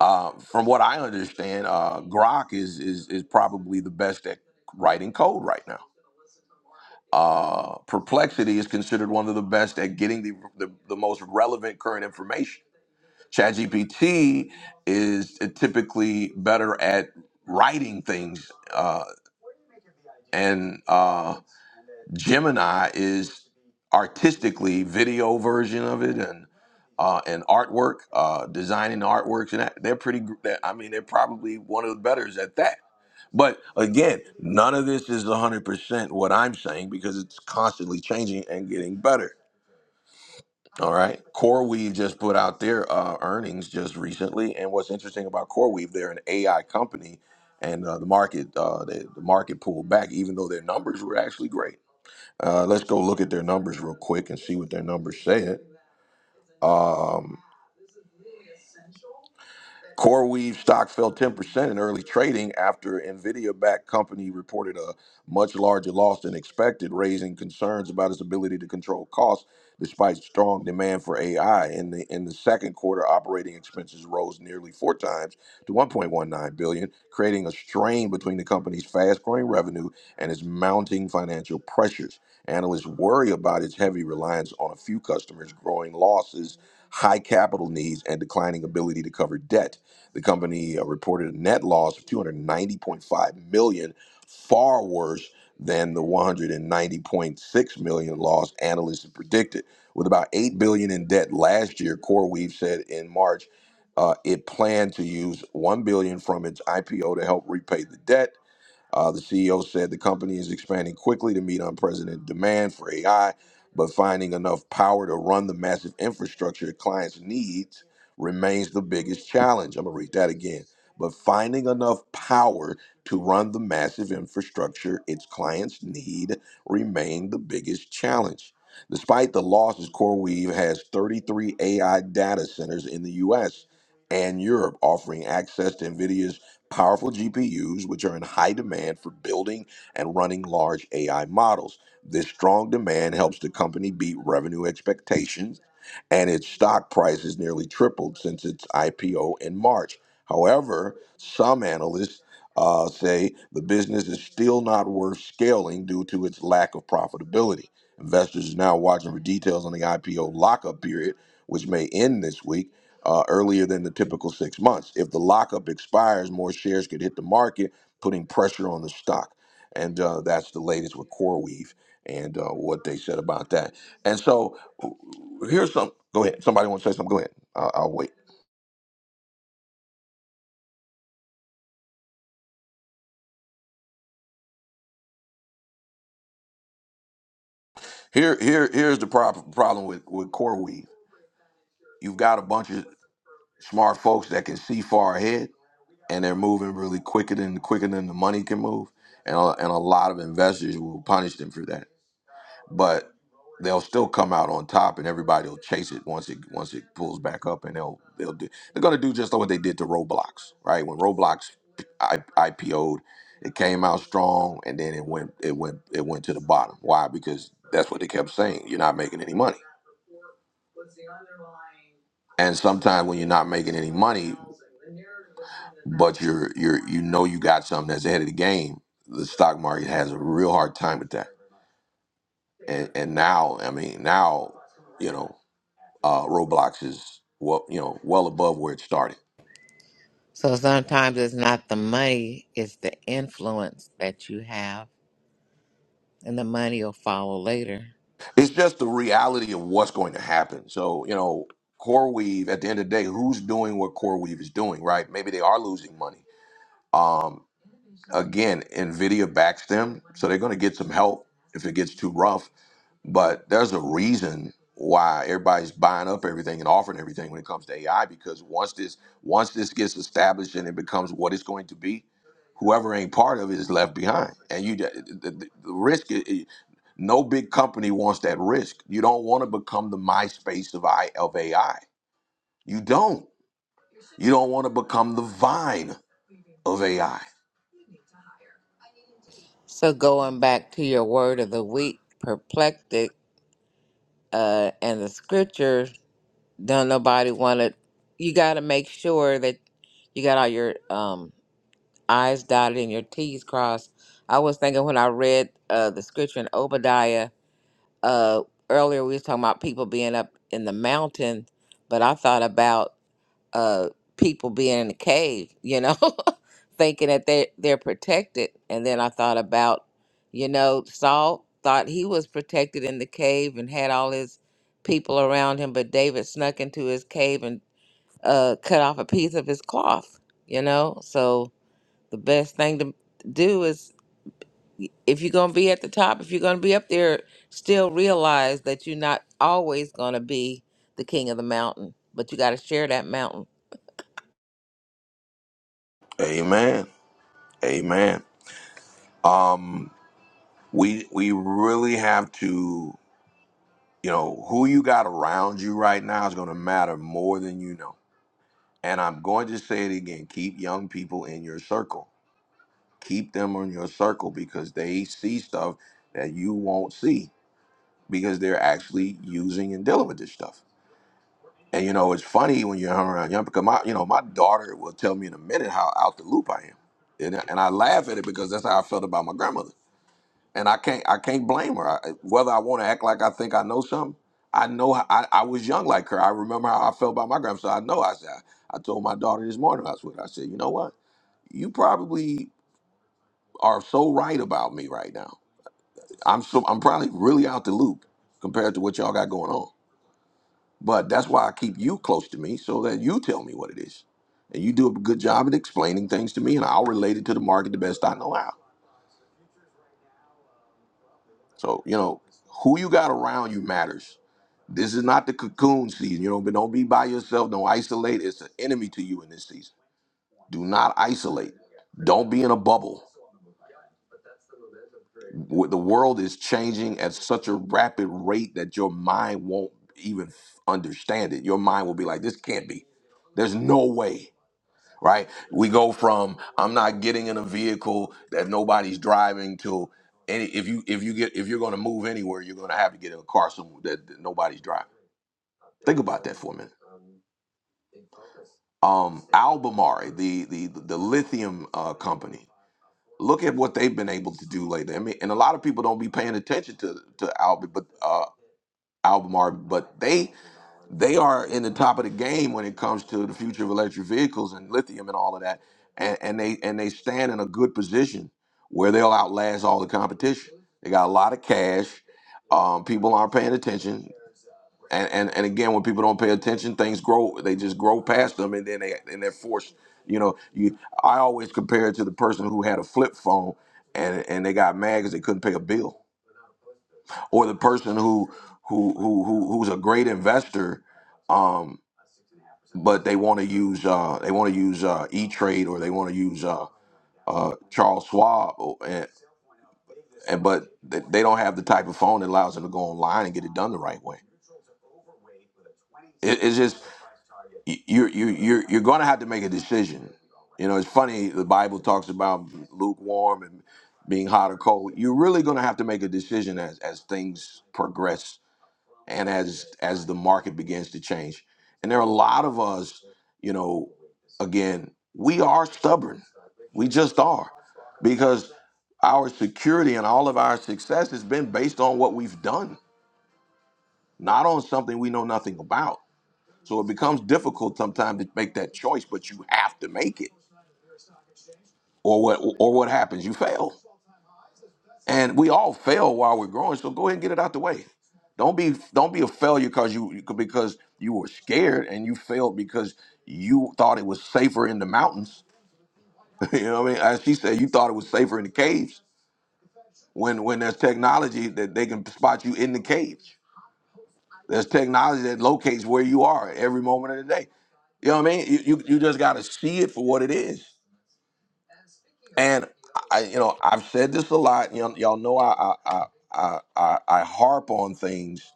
S1: Uh, from what I understand, uh, Grok is, is is probably the best at writing code right now. Uh, Perplexity is considered one of the best at getting the, the the most relevant current information ChatGPT is typically better at writing things, uh, and uh, Gemini is artistically video version of it and uh, and artwork, uh, designing artworks, and that, they're pretty. gr- they're- I mean, they're probably one of the betters at that. But again, none of this is 100% what I'm saying because it's constantly changing and getting better. All right. CoreWeave just put out their uh, earnings just recently, and what's interesting about CoreWeave, they're an AI company, and uh, the market uh, the, the market pulled back, even though their numbers were actually great. Uh, let's go look at their numbers real quick and see what their numbers said. Um, CoreWeave stock fell 10% in early trading after Nvidia backed company reported a much larger loss than expected, raising concerns about its ability to control costs despite strong demand for AI. In the in the second quarter, operating expenses rose nearly four times to 1.19 billion, creating a strain between the company's fast-growing revenue and its mounting financial pressures. Analysts worry about its heavy reliance on a few customers, growing losses, high capital needs, and declining ability to cover debt. The company uh, reported a net loss of 290.5 million, dollars, far worse than the 190.6 million dollars loss analysts had predicted. With about 8 billion dollars in debt last year, CoreWeave said in March uh, it planned to use 1 billion dollars from its IPO to help repay the debt uh, the CEO said the company is expanding quickly to meet unprecedented demand for AI, but finding enough power to run the massive infrastructure clients need remains the biggest challenge. I'm going to read that again. But finding enough power to run the massive infrastructure its clients need remained the biggest challenge. Despite the losses, CoreWeave has 33 AI data centers in the US and Europe, offering access to NVIDIA's powerful GPUs, which are in high demand for building and running large AI models. This strong demand helps the company beat revenue expectations, and its stock price has nearly tripled since its IPO in March. However, some analysts uh, say the business is still not worth scaling due to its lack of profitability. Investors are now watching for details on the IPO lockup period, which may end this week uh, earlier than the typical six months. If the lockup expires, more shares could hit the market, putting pressure on the stock. And uh, that's the latest with CoreWeave and uh, what they said about that. And so here's some. Go ahead. Somebody want to say something? Go ahead. I'll, I'll wait. Here, here, here's the prob- problem with with CoreWeave. You've got a bunch of smart folks that can see far ahead, and they're moving really quicker than quicker than the money can move. And a, and a lot of investors will punish them for that but they'll still come out on top, and everybody will chase it once it once it pulls back up, and they'll they'll do they're gonna do just like what they did to Roblox, right? When Roblox I, IPO'd, it came out strong, and then it went it went it went to the bottom. Why? Because that's what they kept saying. You're not making any money, and sometimes when you're not making any money, but you're you're you know you got something that's ahead of the game, the stock market has a real hard time with that. And and now, I mean, now. you know. uh, Roblox is well, you know, well above where it started.
S4: So sometimes it's not the money, it's the influence that you have, and the money will follow later.
S1: It's just the reality of what's going to happen. So, you know, CoreWeave at the end of the day, who's doing what CoreWeave is doing, right? Maybe they are losing money. Um, again, Nvidia backs them, so they're going to get some help if it gets too rough. But there's a reason why everybody's buying up everything and offering everything when it comes to AI because once this once this gets established and it becomes what it's going to be, whoever ain't part of it is left behind. And you the, the, the risk i- i- no big company wants that risk. You don't want to become the MySpace of I of AI. You don't. You don't want to become the Vine of AI.
S4: So going back to your word of the week, perplectic, uh, and the scripture, don't nobody want to, you got to make sure that you got all your um, I's dotted and your T's crossed. I was thinking when I read uh, the scripture in Obadiah, uh, earlier we was talking about people being up in the mountain, but I thought about uh people being in the cave you know thinking that they they're protected and then i thought about you know saul thought he was protected in the cave and had all his people around him but david snuck into his cave and uh cut off a piece of his cloth you know so the best thing to do is if you're going to be at the top if you're going to be up there still realize that you're not always going to be the king of the mountain but you got to share that mountain
S1: Amen. Amen. We we really have to. you know, who you got around you right now is going to matter more than you know. And I'm going to say it again keep young people in your circle, keep them in your circle because they see stuff that you won't see because they're actually using and dealing with this stuff. And you know, it's funny when you're hung around young because my, you know, my daughter will tell me in a minute how out the loop I am. And, and I laugh at it because that's how I felt about my grandmother and I can't I can't blame her. I, whether I want to act like I think I know something, I know how, I I was young like her. I remember how I felt about my grandson. I know. I said I I told my daughter this morning I was with. her, I said, you know what? You probably are so right about me right now. I'm so I'm probably really out the loop compared to what y'all got going on. But that's why I keep you close to me so that you tell me what it is. And you do a good job at explaining things to me, and I'll relate it to the market the best I know how. So, you know, who you got around you matters This is not the cocoon season. You know, but don't be by yourself. Don't isolate. It's an enemy to you in this season. Do not isolate. Don't be in a bubble. W- The world is changing at such a rapid rate that your mind won't even f- understand it. Your mind will be like, this can't be. There's no way, right? We go from I'm not getting in a vehicle that nobody's driving to any if you if you get if you're going to move anywhere, you're going to have to get in a car somewhere that that nobody's driving. Think about that for a minute um Albemarle, the the the lithium uh, company. Look at what they've been able to do lately. I mean, and a lot of people don't be paying attention to to Albe, but uh, Albemarle, but they they are in the top of the game when it comes to the future of electric vehicles and lithium and all of that, and, and they and they stand in a good position where they'll outlast all the competition. They got a lot of cash. Um, people aren't paying attention and and and again, when people don't pay attention, things grow. They just grow past them, and then they and they're forced. You know, you. I always compare it to the person who had a flip phone, and and they got mad because they couldn't pay a bill, or the person who who who, who who's a great investor, um, but they want to use uh they want to use uh E Trade or they want to use uh uh Charles Schwab, or, and, and but they they don't have the type of phone that allows them to go online and get it done the right way. It, it's just you're you're you're, you're going to have to make a decision. You know, it's funny the Bible talks about lukewarm and being hot or cold. You're really going to have to make a decision as as things progress and as as the market begins to change. And there are a lot of us, you know, again, we are stubborn. We just are because our security and all of our success has been based on what we've done, not on something we know nothing about. So it becomes difficult sometimes to make that choice, but you have to make it. Or what or what happens? You fail. And we all fail while we're growing. So go ahead and get it out the way. Don't be don't be a failure because you because you were scared and you failed because you thought it was safer in the mountains. you know what I mean? As she said, you thought it was safer in the caves. When when there's technology that they can spot you in the caves. There's technology that locates where you are every moment of the day. You know what I mean? You you, you just got to see it for what it is. And I, you know, I've said this a lot. Y'all, y'all know I, I, I, I, I harp on things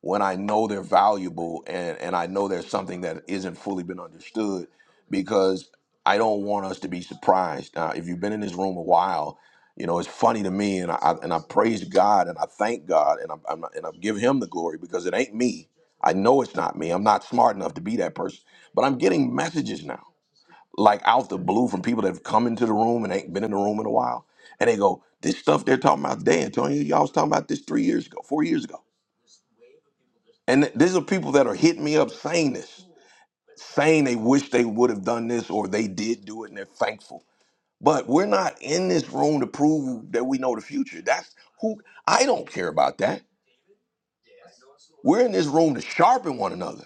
S1: when I know they're valuable and, and I know there's something that isn't fully been understood because I don't want us to be surprised. Now, if you've been in this room a while, you know, it's funny to me and I, and I praise God and I thank God and I, I'm, and I give him the glory because it ain't me. I know it's not me. I'm not smart enough to be that person, but I'm getting messages now like out the blue from people that have come into the room and ain't been in the room in a while. And they go, this stuff they're talking about today, Antonio, y'all was talking about this three years ago, four years ago. And th- these are people that are hitting me up saying this, saying they wish they would have done this or they did do it and they're thankful. But we're not in this room to prove that we know the future. That's who I don't care about that. We're in this room to sharpen one another.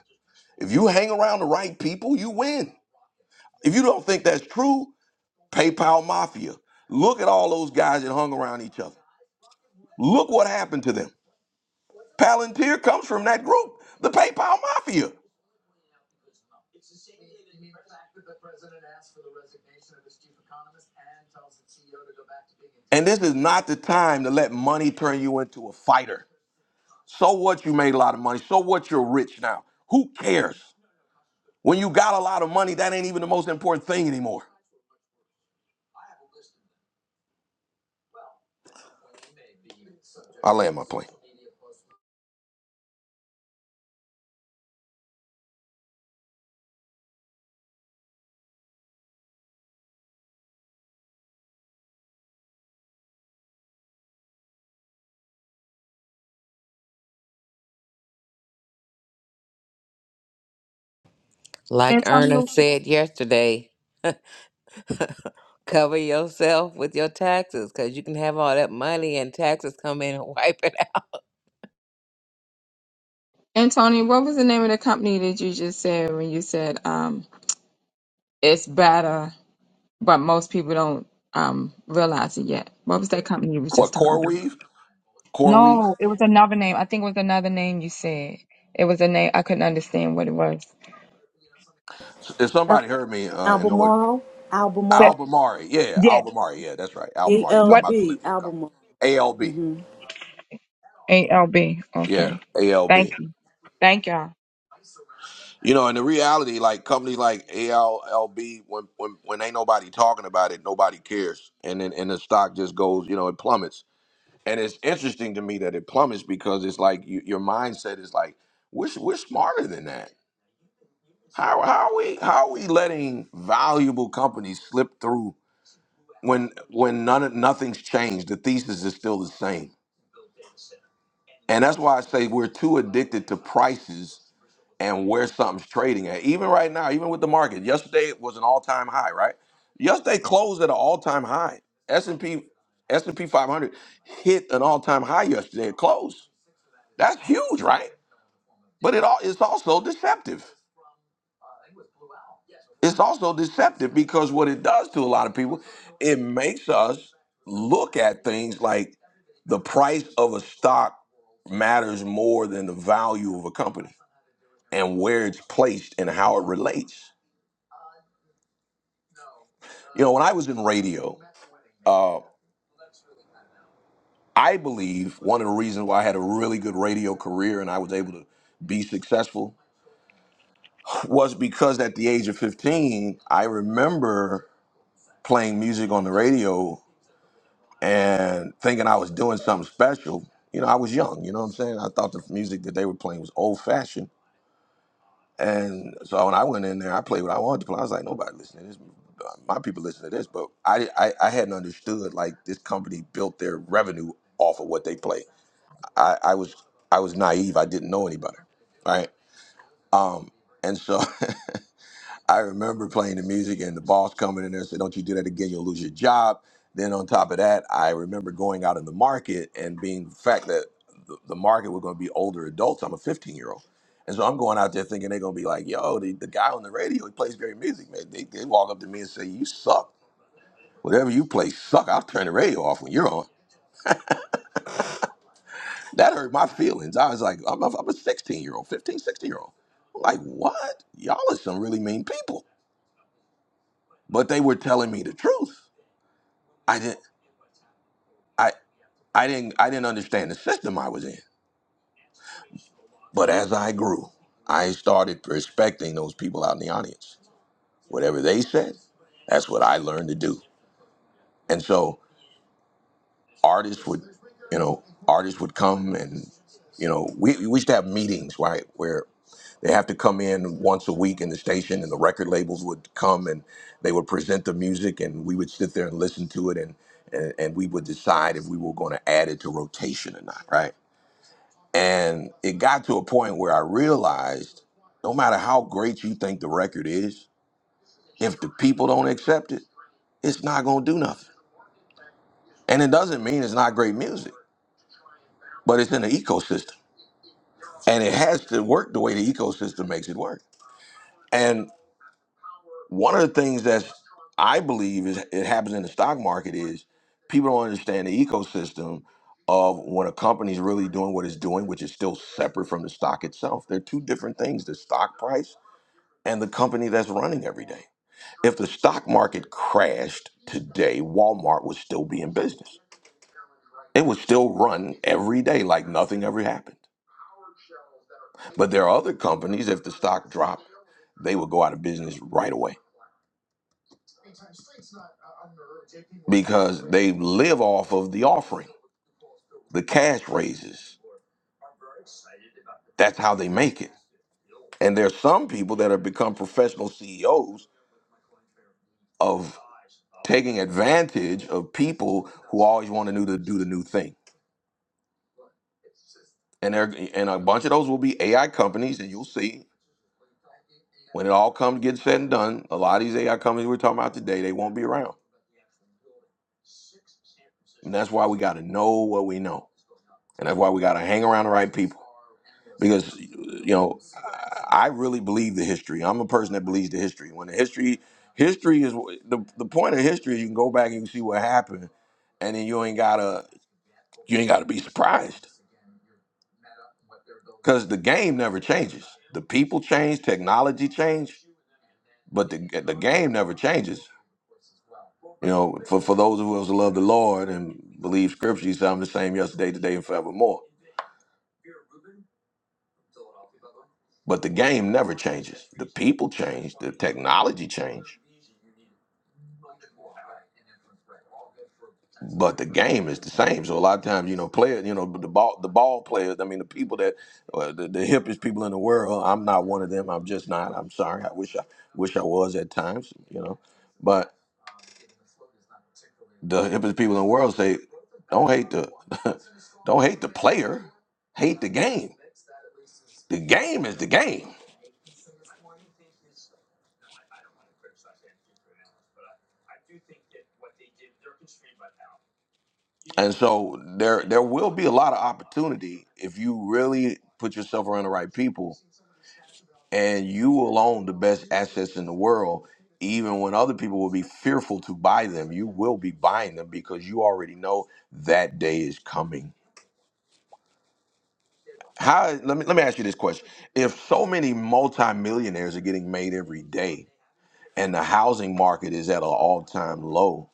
S1: If you hang around the right people, you win. If you don't think that's true, PayPal Mafia. Look at all those guys that hung around each other. Look what happened to them. Palantir comes from that group, the PayPal Mafia. And this is not the time to let money turn you into a fighter. So what you made a lot of money. So what you're rich now. Who cares? When you got a lot of money, that ain't even the most important thing anymore. I land my plane.
S4: Like Erna
S5: Antonio,
S4: said yesterday, cover yourself with your taxes because you can have all that money and taxes come in and wipe it out.
S5: Antonio, what was the name of the company that you just said when you said um it's better, but most people don't um realize it yet? What was that company you was
S1: What,
S5: just talking
S1: Core
S5: about?
S1: Weave? Core Weave?
S5: No, it was another name. I think it was another name you said. It was a name I couldn't understand what it was.
S1: If somebody
S2: Al-
S1: heard me uh, and know what,
S2: Albemarle,
S5: So,
S2: Albemarle,
S1: Albemarle. Yeah,
S5: yeah,
S1: Albemarle. Yeah, that's right.
S2: A
S1: Albemarle. you
S2: L
S1: talking
S5: what
S1: about the
S2: B,
S1: lithium company.
S2: Albemarle.
S1: ALB.
S2: Mm-hmm.
S5: ALB?
S1: Yeah,
S5: Okay,
S1: ALB.
S5: thank you. Thank y'all.
S1: You know, and the reality, like companies like ALLB, when when when ain't nobody talking about it, nobody cares, and then and the stock just goes, you know, it plummets. And it's interesting to me that it plummets because it's like you, your mindset is like, we're we're smarter than that. How how are we how are we letting valuable companies slip through when when none of- nothing's changed? The thesis is still the same And that's why I say we're too addicted to prices and where something's trading at. Even right now, even with the market, yesterday was an all-time high, right? Yesterday closed at an all-time high. s and P, S and p 500 hit an all-time high yesterday. It closed. That's huge, right? But it all it's also deceptive. It's also deceptive because what it does to a lot of people, it makes us look at things like the price of a stock matters more than the value of a company and where it's placed and how it relates. You know, when I was in radio, uh, I believe one of the reasons why I had a really good radio career and I was able to be successful was because at the age of 15, I remember playing music on the radio and thinking I was doing something special. You know, I was young, you know what I'm saying? I thought the music that they were playing was old fashioned And so when I went in there, I played what I wanted to play. I was like, nobody listening to this. My people listen to this, but I, I, I hadn't understood like this company built their revenue off of what they play. I, I was I was naive. I didn't know any better, right? Um, and so I remember playing the music and the boss coming in there and said, Don't you do that again, you'll lose your job. Then on top of that, I remember going out in the market and being the fact that the, the market were going to be older adults. I'm a 15 year old. And so I'm going out there thinking they're going to be like, yo, the, the guy on the radio, he plays great music, man. They, they walk up to me and say, you suck. Whatever you play suck. I'll turn the radio off when you're on. That hurt my feelings. I was like, I'm a, I'm a 16 year old, 15, 16 year old. I'm like, what? Y'all are some really mean people. But they were telling me the truth. I didn't. I I didn't I didn't understand the system I was in. But as I grew, I started respecting those people out in the audience. Whatever they said, that's what I learned to do. And so artists would, you know, artists would come and, you know, we, we used to have meetings, right, where they have to come in once a week in the station and the record labels would come and they would present the music and we would sit there and listen to it and and, and we would decide if we were going to add it to rotation or not, right? And it got to a point where I realized no matter how great you think the record is, if the people don't accept it, it's not going to do nothing. And it doesn't mean it's not great music, but it's in an ecosystem. And it has to work the way the ecosystem makes it work. And one of the things that I believe is it happens in the stock market is people don't understand the ecosystem of when a company's really doing what it's doing, which is still separate from the stock itself. They're two different things. The stock price and the company that's running every day. If the stock market crashed today, Walmart would still be in business. It would still run every day like nothing ever happened. But there are other companies, if the stock dropped, they would go out of business right away because they live off of the offering, the cash raises. That's how they make it. And there's some people that have become professional CEOs of taking advantage of people who always want to do the, do the new thing and there, and a bunch of those will be AI companies, and you'll see when it all comes get said and done, a lot of these AI companies we're talking about today, they won't be around. And that's why we got to know what we know, and that's why we got to hang around the right people. Because you know, I I really believe the history. I'm a person that believes the history. When the history, history is the the point of history. is You can go back and you can see what happened, and then you ain't gotta you ain't gotta be surprised because the game never changes. The people change, technology change, but the the game never changes. You know, for for those of us who love the Lord and believe Scripture, He said, "I'm the same yesterday, today, and forevermore." But the game never changes. The people change, the technology change, but the game is the same. So a lot of times, you know, players, you know, the ball, the ball players. I mean, the people that uh, the, the hippest people in the world. uh, I'm not one of them. I'm just not. I'm sorry. I wish I wish I was at times. You know, but the hippest people in the world say, "Don't hate the, don't hate the player, hate the game." the game is the game. And so there there will be a lot of opportunity if you really put yourself around the right people and you will own the best assets in the world even when other people will be fearful to buy them you will be buying them because you already know that day is coming how let me let me ask you this question if so many multimillionaires are getting made every day and the housing market is at an all-time low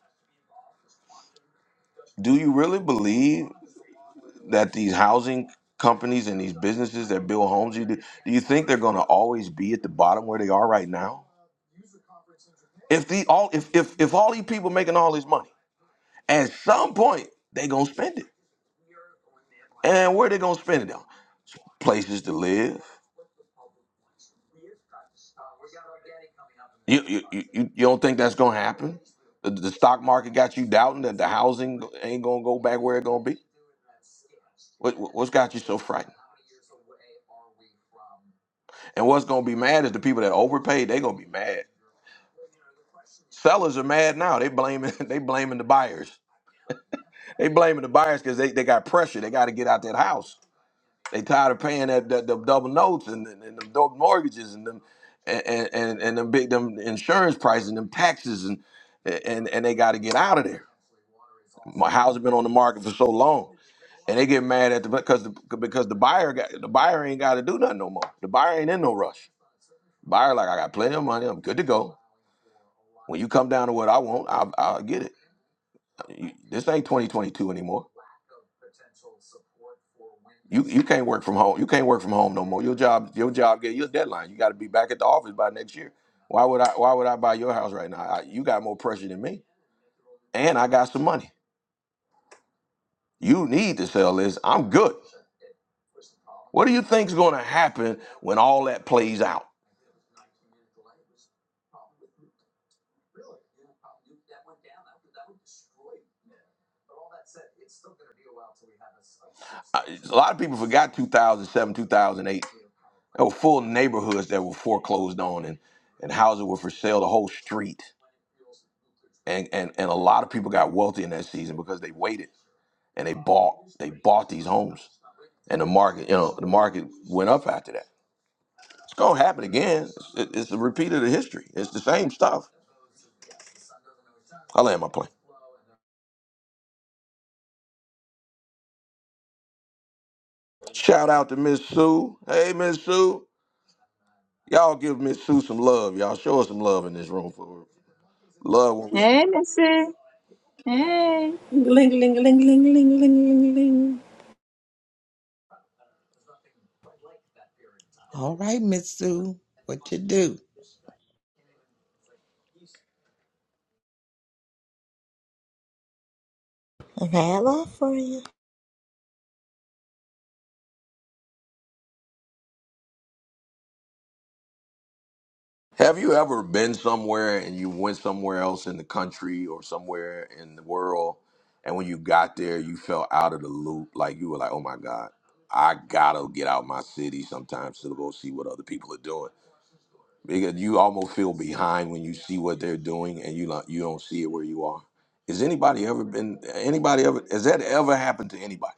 S1: do you really believe that these housing companies and these businesses that build homes, you do, do you think they're going to always be at the bottom where they are right now? If the all if if if all these people making all this money, at some point they gonna spend it, and where they gonna spend it on? Places to live. You you you, you you don't think that's gonna happen? The, the stock market got you doubting that the housing ain't gonna go back where it gonna be. What what- what's got you so frightened? And what's gonna be mad is the people that overpaid. They gonna be mad. Sellers are mad now. They blaming they blaming the buyers. They blaming the buyers because they, they got pressure. They got to get out that house. They tired of paying that, that the double notes and and, and the double mortgages and them and and and and them big them insurance prices and them taxes and and and they got to get out of there. My house has been on the market for so long, and they get mad at the because the, because the buyer got the buyer ain't got to do nothing no more. The buyer ain't in no rush. Buyer like I got plenty of money. I'm good to go. When you come down to what I want, I, I'll get it. You- This ain't 2022 anymore. You you can't work from home. You can't work from home no more. Your job your job get your deadline. You got to be back at the office by next year. Why would I Why would I buy your house right now? I, you got more pressure than me, and I got some money. You need to sell this. I'm good. What do you think's going to happen when all that plays out? Uh, A lot of people forgot 2007, 2008. There were full neighborhoods that were foreclosed on, and and houses were for sale, the whole street. And and and a lot of people got wealthy in that season because they waited and they bought they bought these homes, and the market you know the market went up after that. It's gonna happen again. It's, it- it's a repeat of the history. It's the same stuff. I land my plane. Shout out to Miss Sue. Hey Miss Sue. Y'all give Miss Sue some love. Y'all show us some love in this room for her. love. When we,
S5: Hey, Missy. Hey.
S2: Ling, ling, ling, ling, ling, ling, ling, ling.
S4: All right, Miss Sue, what you do?
S3: and have love for you.
S1: have you ever been somewhere and you went somewhere else in the country or somewhere in the world, and when you got there, you felt out of the loop? Like you were like, "Oh my God, I gotta get out my city sometimes to go see what other people are doing," because you almost feel behind when you see what they're doing and you not, you don't see it where you are. Is anybody ever been? Anybody ever? Has that ever happened to anybody?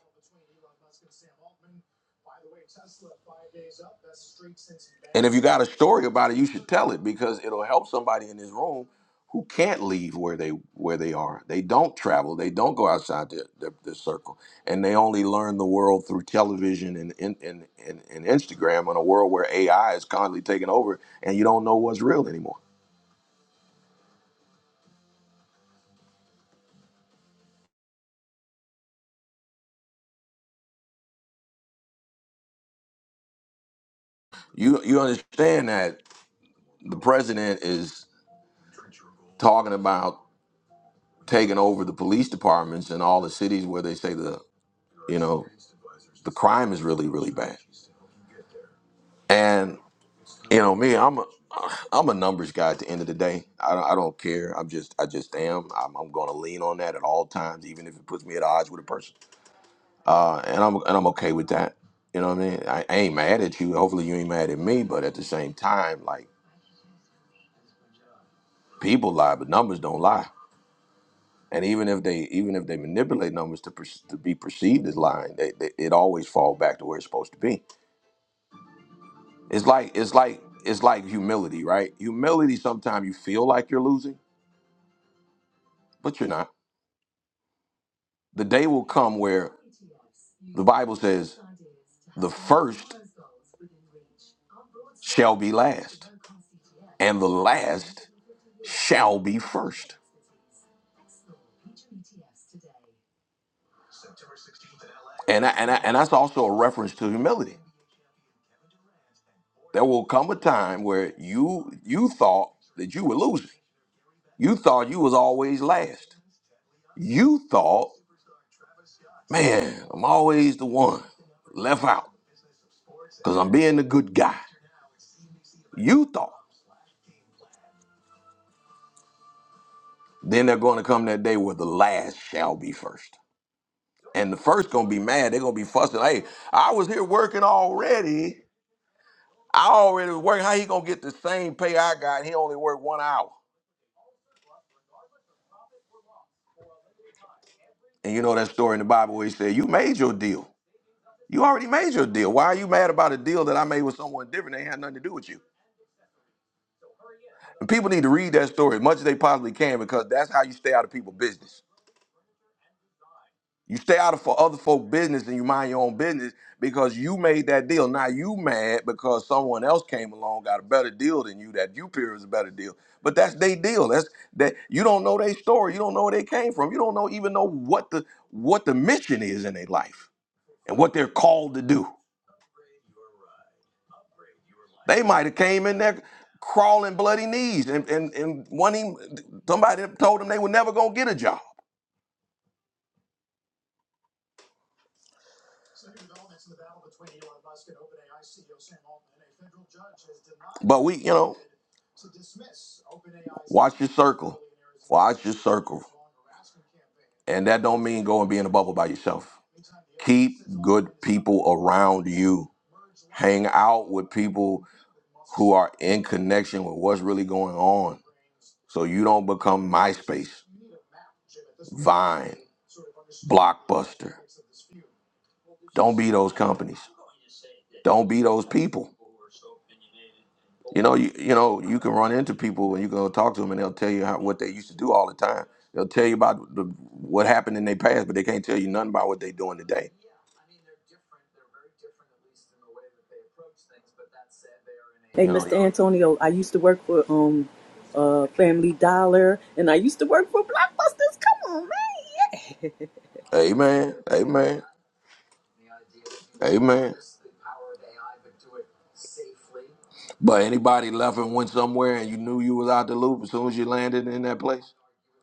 S1: And if you got a story about it, you should tell it because it'll help somebody in this room who can't leave where they where they are. They don't travel. They don't go outside their, their, their circle, and they only learn the world through television and and, and and and Instagram in a world where AI is constantly taking over, and you don't know what's real anymore. You you understand that the president is talking about taking over the police departments in all the cities where they say the you know The crime is really really bad. And you know me, I'm a I'm a numbers guy at the end of the day. I don't, I don't care. I'm just I just am. I'm, I'm going to lean on that at all times, even if it puts me at odds with a person. Uh, and I'm and I'm okay with that. You know what I mean? I, I ain't mad at you. Hopefully you ain't mad at me. But at the same time, like people lie, but numbers don't lie. And even if they even if they manipulate numbers to per, to be perceived as lying, they, they, it always fall back to where it's supposed to be. It's like it's like it's like humility, right? Humility sometimes you feel like you're losing, but you're not. The day will come where the Bible says the first shall be last, and the last shall be first. And I, and I, and that's also a reference to humility. There will come a time where you you thought that you were losing. You thought you was always last. You thought, man, I'm always the one left out. because I'm being a good guy. You thought. Then they're going to come that day where the last shall be first. And the first going to be mad. They're going to be fussing. Hey, I was here working already. I already was working. How he going to get the same pay I got? And He only worked one hour. And you know that story in the Bible where he said, you made your deal. You already made your deal. Why are you mad about a deal that I made with someone different? They had nothing to do with you. And people need to read that story as much as they possibly can because that's how you stay out of people's business. You stay out of for other folk business and you mind your own business because you made that deal. Now you mad because someone else came along, got a better deal than you. That you peer is a better deal, but that's their deal. That's that you don't know their story. You don't know where they came from. You don't know even know what the what the mission is in their life and what they're called to do. They might have came in there crawling bloody knees and and and one even, somebody told them they were never gonna get a job. But we, you know. Watch your circle. Watch your circle. And that don't mean go and be in a bubble by yourself. Keep good people around you. Hang out with people who are in connection with what's really going on. So you don't become MySpace, Vine, Blockbuster. Don't be those companies. Don't be those people. You know, you, you know, you can run into people and you go talk to them, and they'll tell you how, what they used to do all the time. They'll tell you about the, what happened in their past, but they can't tell you nothing about what they're doing today.
S2: Hey,
S1: You know,
S2: Mr. Antonio, I used to work for um uh Family Dollar and I used to work for Blockbusters. Come on, man.
S1: amen, amen, amen. But anybody left and went somewhere, and you knew you was out the loop as soon as you landed in that place.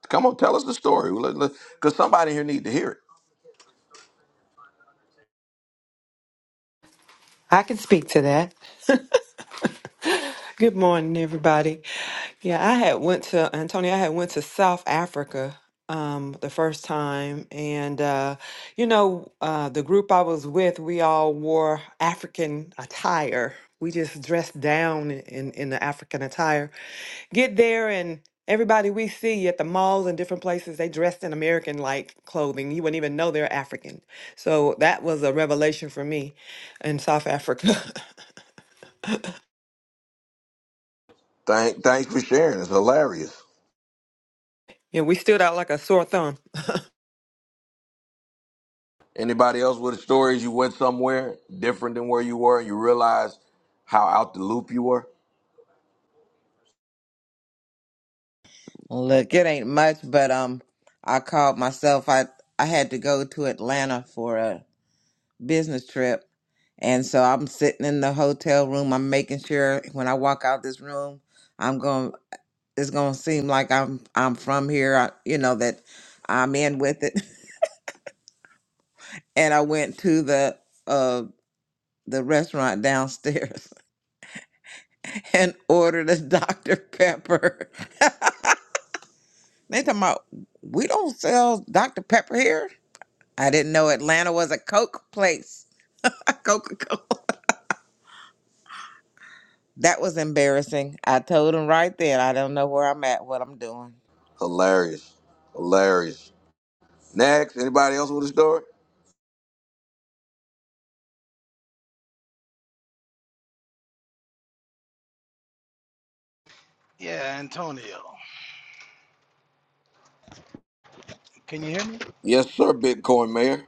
S1: Come on, tell us the story, because somebody here need to hear it.
S10: I can speak to that. Good morning, everybody. Yeah, I had went to Antonio. I had went to South Africa um, the first time, and uh, you know, uh, the group I was with, we all wore African attire. We just dressed down in in the African attire. Get there and. Everybody we see at the malls and different places, they dressed in American like clothing. You wouldn't even know they're African. So that was a revelation for me in South Africa.
S1: Thank, thanks for sharing. It's hilarious.
S10: yeah, we stood out like a sore thumb.
S1: Anybody else with a story? You went somewhere different than where you were, and you realized how out the loop you were.
S4: Look, it ain't much, but um, I called myself. I I had to go to Atlanta for a business trip. And so I'm sitting in the hotel room. I'm making sure when I walk out this room, I'm going it's going to seem like I'm I'm from here, I, you know that I'm in with it. And I went to the uh the restaurant downstairs and ordered a Dr. Pepper. They talking about we don't sell Dr. Pepper here. I didn't know Atlanta was a Coke place. Coca-Cola. That was embarrassing. I told them right then, I don't know where I'm at, what I'm doing.
S1: Hilarious, hilarious. Next, anybody else with a story?
S11: Yeah, Antonio. Can you hear me?
S1: Yes, sir, Bitcoin Mayor.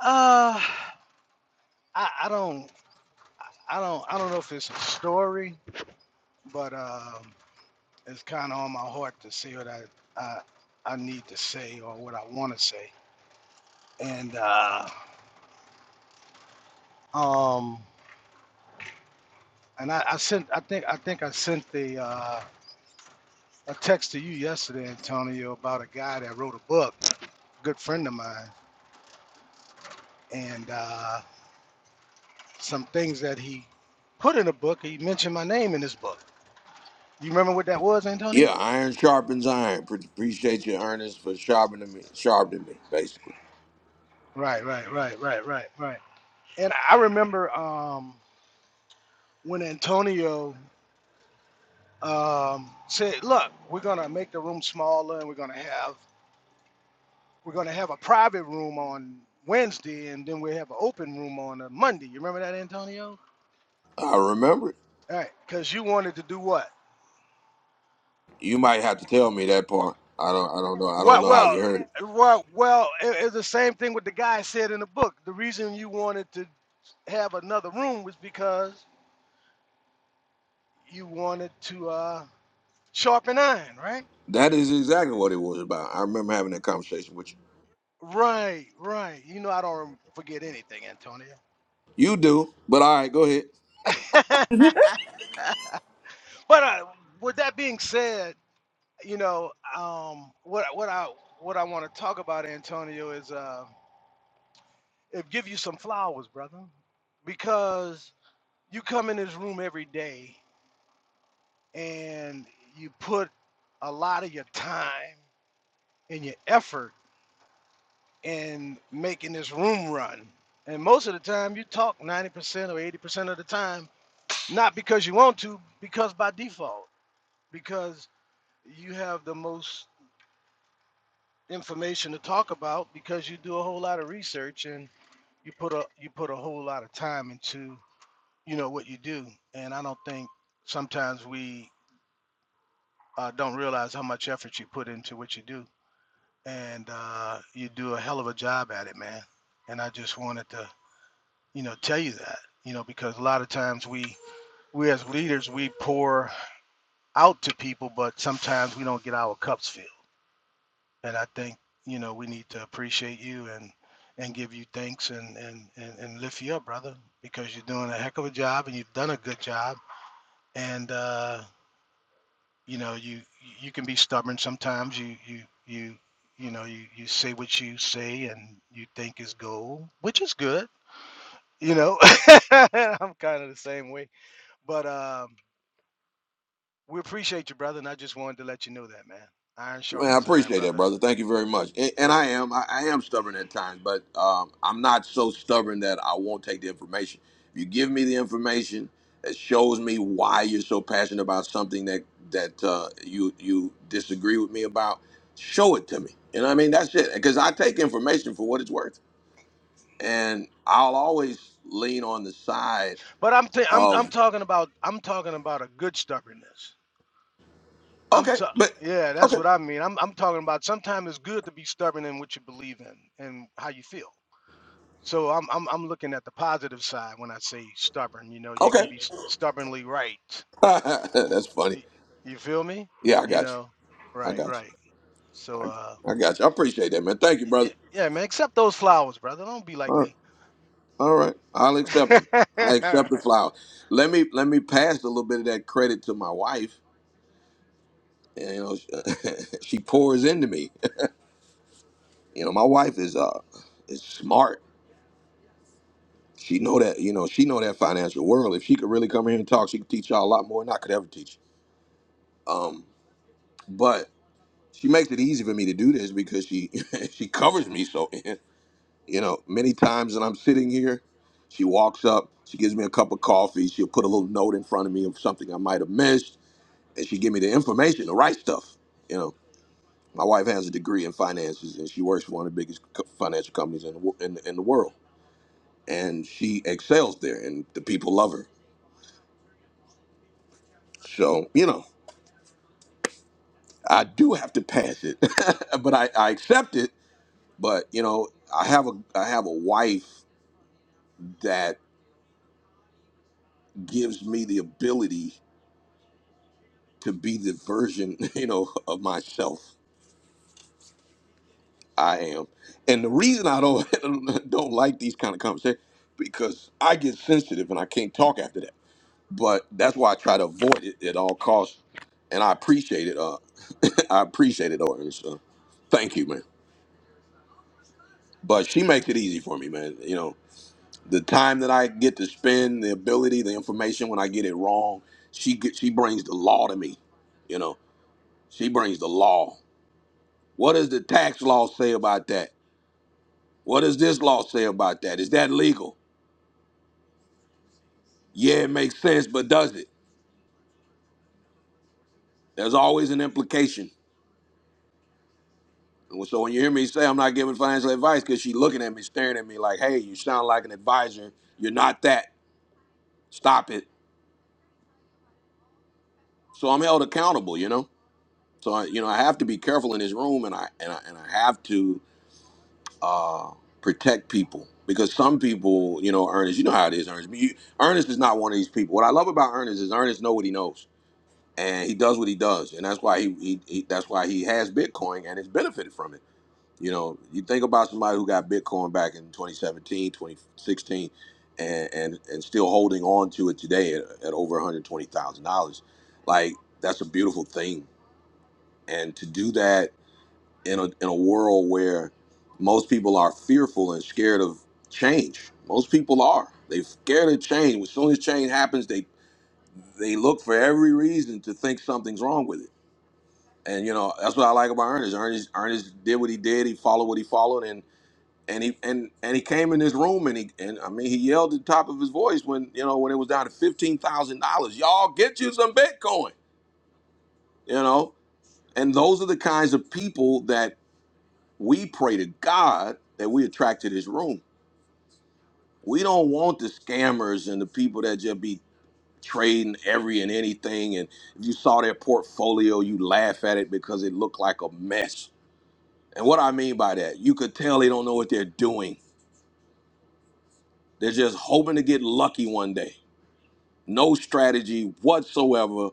S11: Uh, I, I don't. I don't I don't know if it's a story, but um, it's kind of on my heart to say what I, I I need to say or what I want to say. And uh, um and I, I sent I think I think I sent the uh, a text to you yesterday, Antonio, about a guy that wrote a book, good friend of mine, and uh, some things that he put in the book. He mentioned my name in his book. You remember what that was, Antonio?
S1: Yeah, iron sharpens iron. Pre- appreciate you, Ernest, for sharpening me. Sharpening me, basically.
S11: Right, right, right, right, right, right. And I remember. Um, when Antonio um, said, "Look, we're gonna make the room smaller, and we're gonna have we're gonna have a private room on Wednesday, and then we have an open room on a Monday." You remember that, Antonio?
S1: I remember. it.
S11: All right, because you wanted to do what?
S1: You might have to tell me that
S11: Or-
S1: part. I don't. I don't know. I don't
S11: Well,
S1: know how
S11: well,
S1: you heard it.
S11: well, well. it- It's the same thing with the guy said in the book. The reason you wanted to have another room was because you wanted to uh, sharpen iron, right?
S1: That is exactly what it was about. I remember having that conversation with you.
S11: Right, right. You know I don't forget anything, Antonio.
S1: You do, but all right, go ahead.
S11: but uh, with that being said, you know, um, what I- what I what I want to talk about, Antonio, is uh, if give you some flowers, brother, because you come in this room every day and you put a lot of your time and your effort in making this room run. And most of the time, you talk 90% or 80% of the time, not because you want to, because by default, because you have the most information to talk about because you do a whole lot of research and you put a you put a whole lot of time into you know what you do and i don't think sometimes we uh, don't realize how much effort you put into what you do and uh, you do a hell of a job at it man and i just wanted to you know tell you that you know because a lot of times we we as leaders we pour out to people but sometimes we don't get our cups filled And I think, you know, we need to appreciate you and and give you thanks and and and, and lift you up, brother, because you're doing a heck of a job and you've done a good job. And uh, you know, you you can be stubborn sometimes. You you you you know, you you say what you say and you think is gold, which is good. You know, I'm kind of the same way, but um, we appreciate you, brother. And I just wanted to let you know that, man. Iron
S1: Man, I
S11: sharpens iron,
S1: appreciate that,
S11: brother.
S1: brother. Thank you very much. And, and I am, I, I am stubborn at times, but um, I'm not so stubborn that I won't take the information. If you give me the information that shows me why you're so passionate about something that that uh, you you disagree with me about, show it to me. You know what I mean? That's it. Because I take information for what it's worth, and I'll always lean on the side
S11: But I'm t- I'm I'm
S1: of
S11: talking about I'm talking about a good stubbornness. I'm
S1: okay,
S11: t-
S1: but
S11: yeah, that's
S1: okay,
S11: what I mean. I'm I'm talking about sometimes it's good to be stubborn in what you believe in and how you feel. So I'm I'm I'm looking at the positive side when I say stubborn. You know, you can
S1: okay.
S11: be s- stubbornly right.
S1: That's funny.
S11: Y- You feel me?
S1: Yeah, I
S11: You
S1: got you.
S11: know,
S1: I
S11: right,
S1: got you.
S11: right. So uh,
S1: I got you. I appreciate that, man. Thank you,
S11: y- y-
S1: brother.
S11: yeah, man. Accept those flowers, brother. Don't be
S1: All
S11: like
S1: right.
S11: me.
S1: All right. I'll
S11: All
S1: accept it. I
S11: right.
S1: accept the flower. Let me let me pass a little bit of that credit to my wife. And, you know, she pours into me. You know, my wife is uh is smart. She know that you know she know that financial world. If she could really come here and talk, she could teach y'all a lot more than I could ever teach. Um, but she makes it easy for me to do this because she she covers me so You know, many times when I'm sitting here, she walks up, she gives me a cup of coffee, she'll put a little note in front of me of something I might have missed, and she give me the information, the right stuff. You know, my wife has a degree in finances, and she works for one of the biggest co- financial companies in the, wo- in, in the world, and she excels there, and the people love her. So, you know, I do have to pass it, but I, I accept it. But you know, I have a I have a wife that gives me the ability to be the version you know of myself I am. And the reason I don't don't like these kind of conversations because I get sensitive and I can't talk after that. But that's why I try to avoid it at all costs. And I appreciate it. Uh, I appreciate it, Orton. So thank you, man. But she makes it easy for me, man. You know, the time that I get to spend, the ability, the information when I get it wrong, she get, she brings the law to me. You know, she brings the law. What does the tax law say about that? What does this law say about that? Is that legal? Yeah, it makes sense, but does it? There's always an implication. And So when you hear me say I'm not giving financial advice, because she's looking at me, staring at me like, hey, you sound like an advisor. You're not that. Stop it. So I'm held accountable, you know? So, I, you know, I have to be careful in this room and I, and I, and I have to uh, protect people because some people, you know, Ernest, you know how it is, Ernest. You, Ernest is not one of these people. What I love about Ernest is Ernest know what he knows and he does what he does, and that's why he, he, he that's why he has Bitcoin and has benefited from it. You know, you think about somebody who got Bitcoin back in 2017, 2016, and and, and still holding on to it today at, at over $120,000. Like that's a beautiful thing, and to do that in a in a world where most people are fearful and scared of change. Most people are. They're scared of change. As soon as change happens, they they look for every reason to think something's wrong with it and you know that's what I like about Ernest. Ernest Ernest did what he did. He followed what he followed, and and he and and he came in this room and he and I mean he yelled at the top of his voice when you know when it was down to fifteen thousand dollars. Y'all get you some Bitcoin, you know. And those are the kinds of people that we pray to God that we attract to this room. We don't want the scammers and the people that just be trading every and anything. And if you saw their portfolio, you laugh at it because it looked like a mess And what I mean by that, you could tell they don't know what they're doing. They're just hoping to get lucky one day. No strategy whatsoever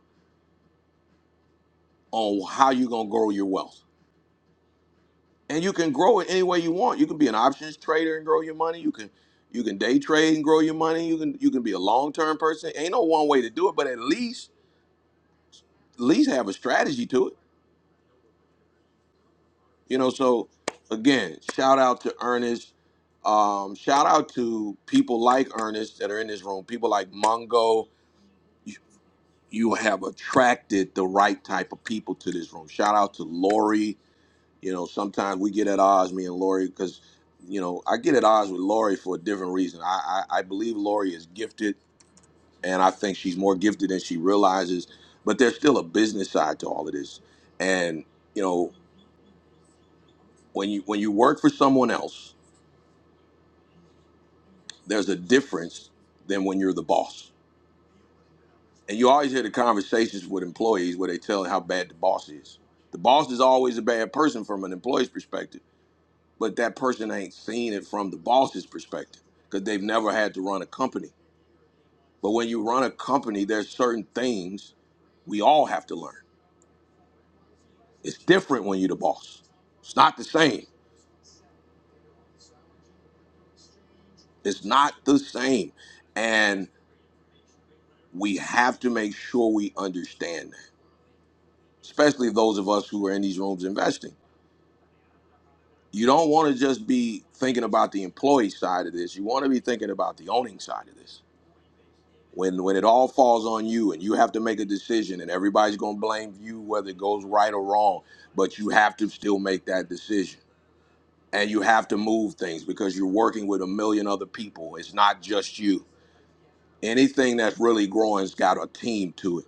S1: on how you're gonna grow your wealth. And you can grow it any way you want. You can be an options trader and grow your money. You can you can day trade and grow your money. You can you can be a long term person. Ain't no one way to do it, but at least at least have a strategy to it. You know, so again, shout out to Ernest. Um, shout out to people like Ernest that are in this room, people like Mongo, you have attracted the right type of people to this room. Shout out to Lori. You know, sometimes we get at odds, me and Lori, because you know I get at odds with Lori for a different reason. I, I I believe Lori is gifted, and I think she's more gifted than she realizes. But there's still a business side to all of this, and you know when you when you work for someone else, there's a difference than when you're the boss And you always hear the conversations with employees where they tell how bad the boss is. The boss is always a bad person from an employee's perspective, but that person ain't seen it from the boss's perspective because they've never had to run a company. But when you run a company, there's certain things we all have to learn. It's different when you're the boss. It's not the same. It's not the same. And we have to make sure we understand that, especially those of us who are in these rooms investing you don't want to just be thinking about the employee side of this. You want to be thinking about the owning side of this. When when it all falls on you and you have to make a decision and everybody's going to blame you whether it goes right or wrong, but you have to still make that decision. And you have to move things because you're working with a million other people. It's not just you. Anything that's really growing's got a team to it.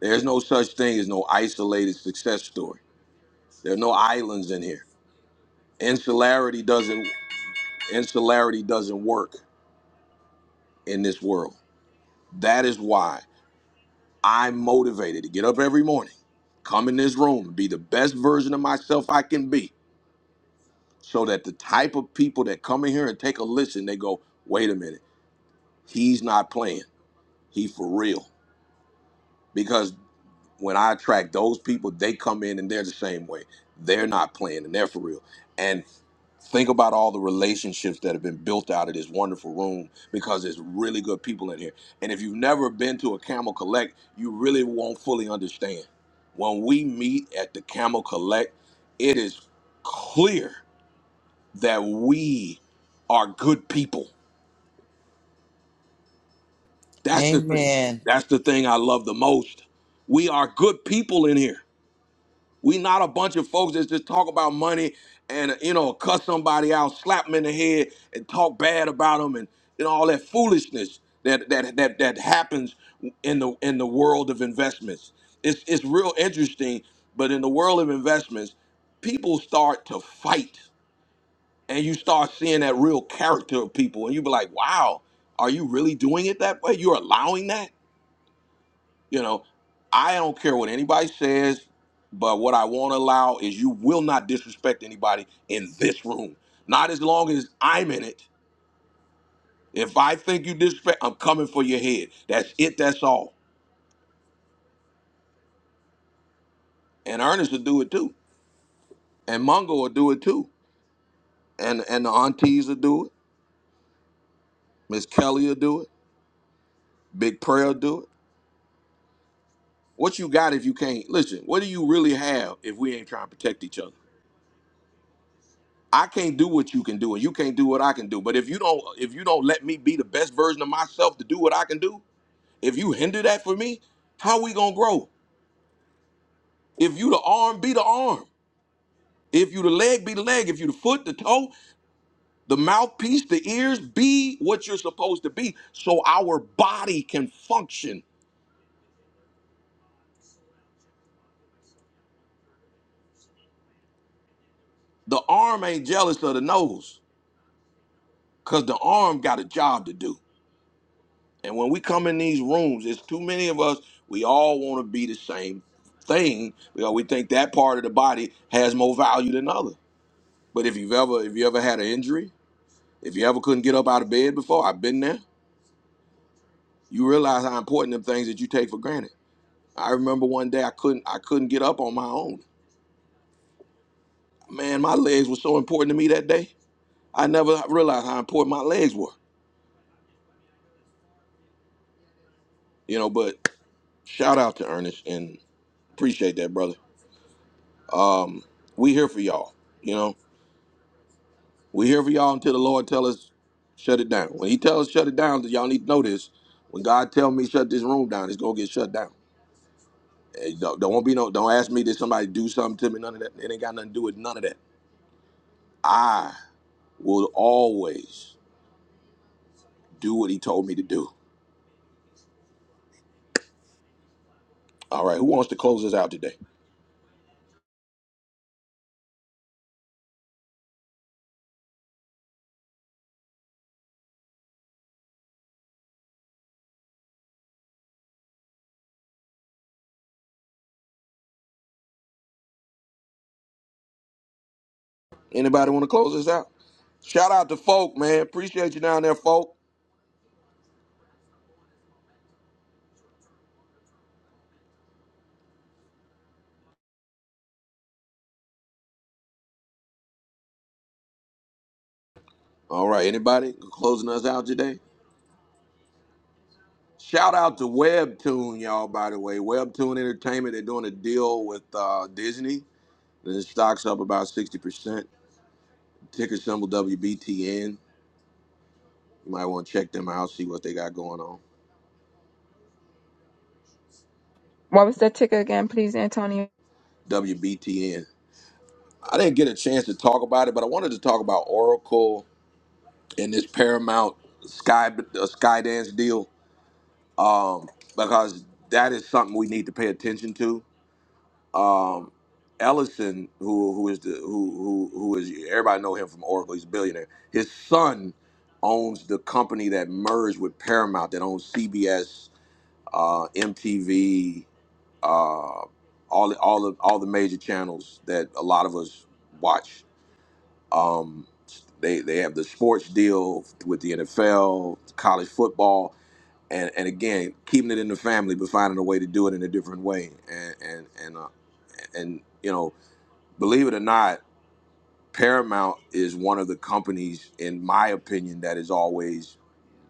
S1: There's no such thing as no isolated success story. There's no islands in here. Insularity doesn't insularity doesn't work in this world. That is why I'm motivated to get up every morning, come in this room, be the best version of myself I can be, so that the type of people that come in here and take a listen, they go, wait a minute, he's not playing. He for real. Because when I attract those people, they come in and they're the same way. They're not playing and they're for real. Think about all the relationships that have been built out of this wonderful room because there's really good people in here. And if you've never been to a Camel Collect, you really won't fully understand. When we meet at the Camel Collect, it is clear that we are good people. That's the thing.
S4: Amen.
S1: That's the thing I love the most. We are good people in here. We not a bunch of folks that just talk about money and you know cuss somebody out, slap them in the head, and talk bad about them, and you know all that foolishness that that that that happens in the in the world of investments. It's it's real interesting, but in the world of investments, people start to fight, and you start seeing that real character of people, and you be like, wow, are you really doing it that way? You're allowing that? You know, I don't care what anybody says, but what I won't allow is you will not disrespect anybody in this room. Not as long as I'm in it. If I think you disrespect, I'm coming for your head. That's it. That's all. And Ernest will do it too. And Mungo will do it too. And and the aunties will do it. Miss Kelly will do it. Big Prayer will do it. What you got if you can't listen? What do you really have if we ain't trying to protect each other? I can't do what you can do, and you can't do what I can do. But if you don't, if you don't let me be the best version of myself to do what I can do, if you hinder that for me, how we gonna grow? If you the arm, be the arm. If you the leg, be the leg. If you the foot, the toe, the mouthpiece, the ears, be what you're supposed to be, so our body can function. The arm ain't jealous of the nose, cause the arm got a job to do. And when we come in these rooms, it's too many of us, we all want to be the same thing because we think that part of the body has more value than other. But if you've ever if you ever had an injury, if you ever couldn't get up out of bed before, I've been there, you realize how important them things that you take for granted. I remember one day I couldn't I couldn't get up on my own. Man, my legs were so important to me that day. I never realized how important my legs were. You know, but shout out to Ernest and appreciate that, brother. Um, we here for y'all, you know. We're here for y'all until the Lord tell us shut it down. When He tells us shut it down, y'all need to know this. When God tell me shut this room down, it's gonna get shut down. Hey, don't, don't be no. Don't ask me did somebody do something to me. None of that. It ain't got nothing to do with none of that. I will always do what He told me to do. All right. Who wants to close us out today? Anybody want to close us out? Shout out to folk, man. Appreciate you down there, folk. All right. Anybody closing us out today? Shout out to Webtoon, y'all. By the way, Webtoon Entertainment. They're doing a deal with uh, Disney. The stock's up about sixty percent. Ticker symbol WBTN. You might want to check them out, see what they got going on.
S5: What was that ticker again, please, Antonio?
S1: WBTN. I didn't get a chance to talk about it, but I wanted to talk about Oracle and this Paramount Sky uh, Skydance deal um, because that is something we need to pay attention to. um, Ellison, who who is the who who who is everybody know him from Oracle. He's a billionaire. His son owns the company that merged with Paramount that owns CBS, uh, MTV, uh, all the- all the all the major channels that a lot of us watch. Um, they they have the sports deal with the NFL, college football, and and again keeping it in the family, but finding a way to do it in a different way. And and and uh, and you know believe it or not, Paramount is one of the companies, in my opinion, that is always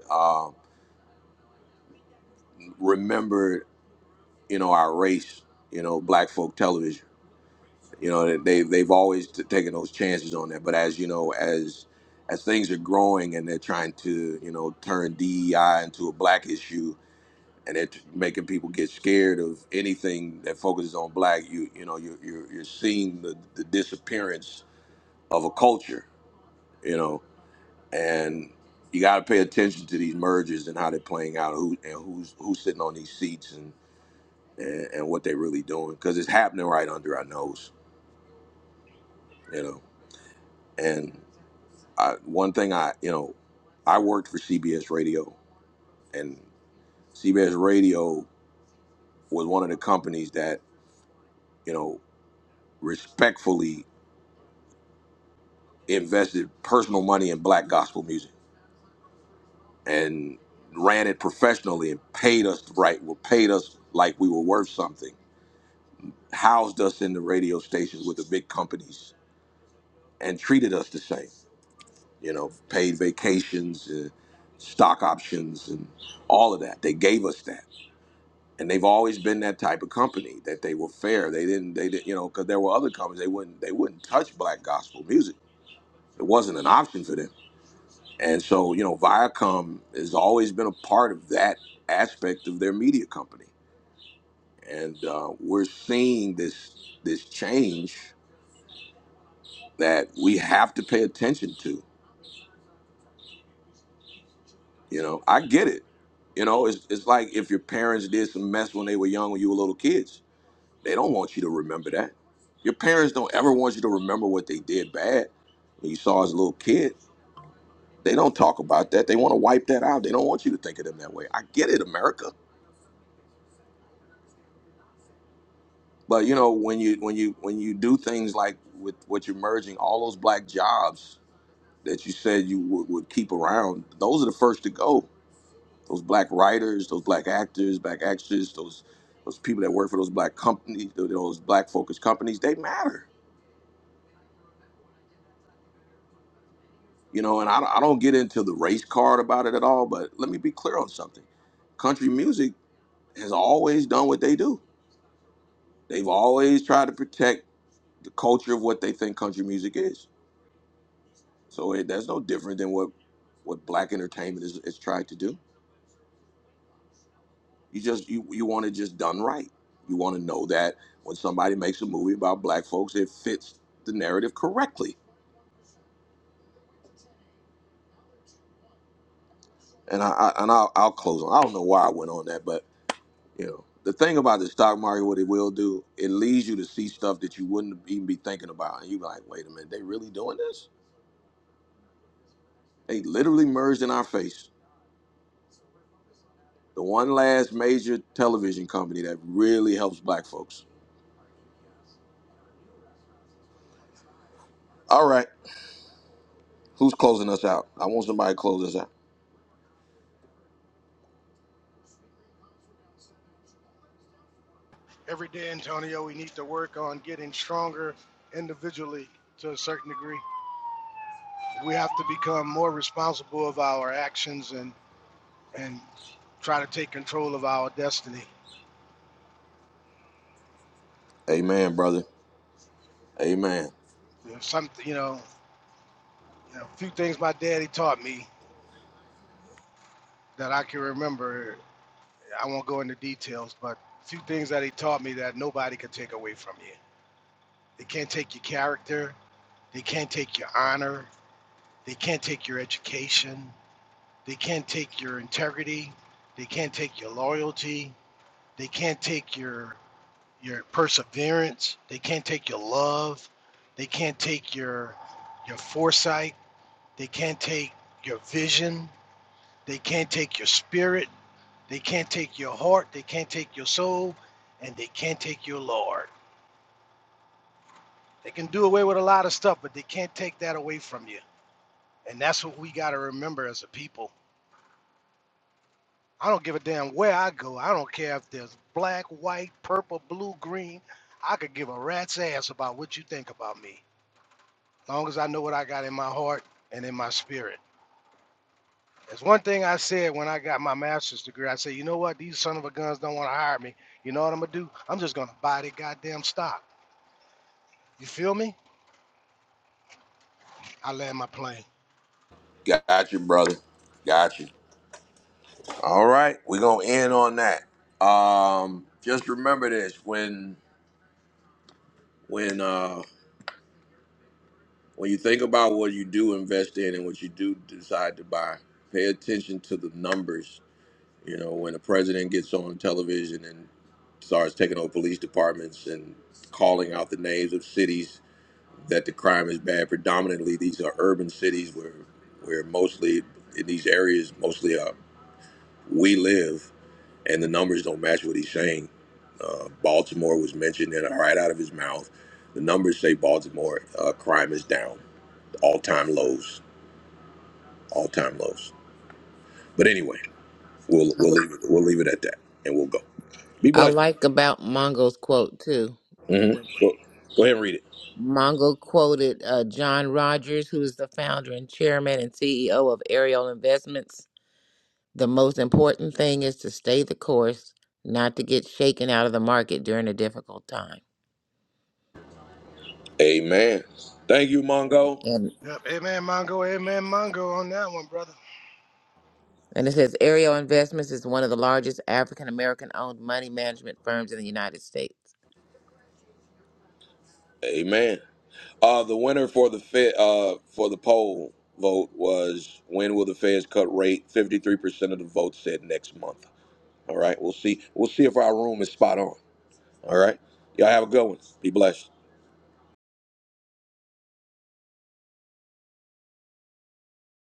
S1: uh, remembered. You know, our race. You know, Black folk television. You know, they they've always t- taken those chances on that. But as you know, as as things are growing and they're trying to you know turn DEI into a black issue, and they're t- making people get scared of anything that focuses on black, you you know you're you're, you're seeing the, the disappearance of a culture. You know, and you got to pay attention to these mergers and how they're playing out, who and who's who's sitting on these seats and and, and what they're really doing because it's happening right under our nose, you know. And I, one thing I, you know, I worked for CBS Radio, and CBS Radio was one of the companies that you know respectfully invested personal money in black gospel music and ran it professionally and paid us right, well, paid us like we were worth something housed us in the radio stations with the big companies and treated us the same. You know, paid vacations, uh, stock options, and all of that. They gave us that, and they've always been that type of company that they were fair. They didn't, they didn't, you know, because there were other companies they wouldn't, they wouldn't touch black gospel music. It wasn't an option for them. And so, you know, Viacom has always been a part of that aspect of their media company, and uh, we're seeing this this change that we have to pay attention to. You know, I get it. You know, it's, it's like if your parents did some mess when they were young, when you were little kids, they don't want you to remember that. Your parents don't ever want you to remember what they did bad when you saw as a little kid. They don't talk about that. They want to wipe that out. They don't want you to think of them that way. I get it, America. But you know, when you when you when you do things like with what you're merging, all those black jobs that you said you would, would keep around, those are the first to go those black writers, those black actors, black actors, those those people that work for those black companies, th- those black focused companies, they matter. You know, and I, I don't get into the race card about it at all, but let me be clear on something. Country music has always done what they do. They've always tried to protect the culture of what they think country music is. So it, that's no different than what what black entertainment is, is trying to do. You just you you want it just done right. You want to know that when somebody makes a movie about black folks, it fits the narrative correctly. And I, I and I'll, I'll close on. I don't know why I went on that, but you know the thing about the stock market, what it will do, it leads you to see stuff that you wouldn't even be thinking about, and you're like, wait a minute, they really doing this? They literally merged in our face. The one last major television company that really helps black folks. All right, who's closing us out? I want somebody to close us out.
S11: Every day, Antonio, we need to work on getting stronger individually to a certain degree. We have to become more responsible of our actions and, and try to take control of our destiny.
S1: Amen, brother. Amen.
S11: some, you know, you know, a few things my daddy taught me that I can remember. I won't go into details, but a few things that he taught me that nobody could take away from you. They can't take your character. They can't take your honor. They can't take your education. They can't take your integrity. They can't take your loyalty. They can't take your your perseverance. They can't take your love. They can't take your your foresight. They can't take your vision. They can't take your spirit. They can't take your heart. They can't take your soul, and they can't take your Lord. They can do away with a lot of stuff, but they can't take that away from you. And that's what we got to remember as a people. I don't give a damn where I go. I don't care if there's black, white, purple, blue, green. I could give a rat's ass about what you think about me. long as I know what I got in my heart and in my spirit. That's one thing I said when I got my master's degree. I said, you know what? These son of a guns don't want to hire me. You know what I'm gonna do? I'm just gonna buy the goddamn stock. You feel me? I land my plane.
S1: Got you, brother. Got you. All right, we're gonna end on that. Um, just remember this when when uh when you think about what you do invest in and what you do decide to buy, pay attention to the numbers. You know, when the president gets on television and starts taking over police departments and calling out the names of cities that the crime is bad. Predominantly, these are urban cities where where mostly in these areas mostly uh, we live and the numbers don't match what he's saying. Uh, Baltimore was mentioned in right out of his mouth. The numbers say Baltimore uh, crime is down, all time lows, all time lows. But anyway, we'll
S4: I,
S1: we'll leave it we'll leave it at that, and we'll go. Be
S4: I
S1: blessed.
S4: like about Mongo's quote too.
S1: hmm Go, go ahead and read it.
S4: Mongo quoted uh, John Rogers, who is the founder and chairman and CEO of Ariel Investments. The most important thing is to stay the course, not to get shaken out of the market during a difficult time.
S1: Amen. Thank you, Mongo.
S4: And
S11: Yep. Amen, Mongo. Amen, Mongo on that one, brother.
S4: and it says Ariel Investments is one of the largest African American owned money management firms in the United States.
S1: Amen. Uh, the winner for the Fed, uh, for the poll vote was when will the Feds cut rate? Fifty three percent of the vote said next month. All right, we'll see. We'll see if our room is spot on. All right. Y'all have a good one. Be blessed.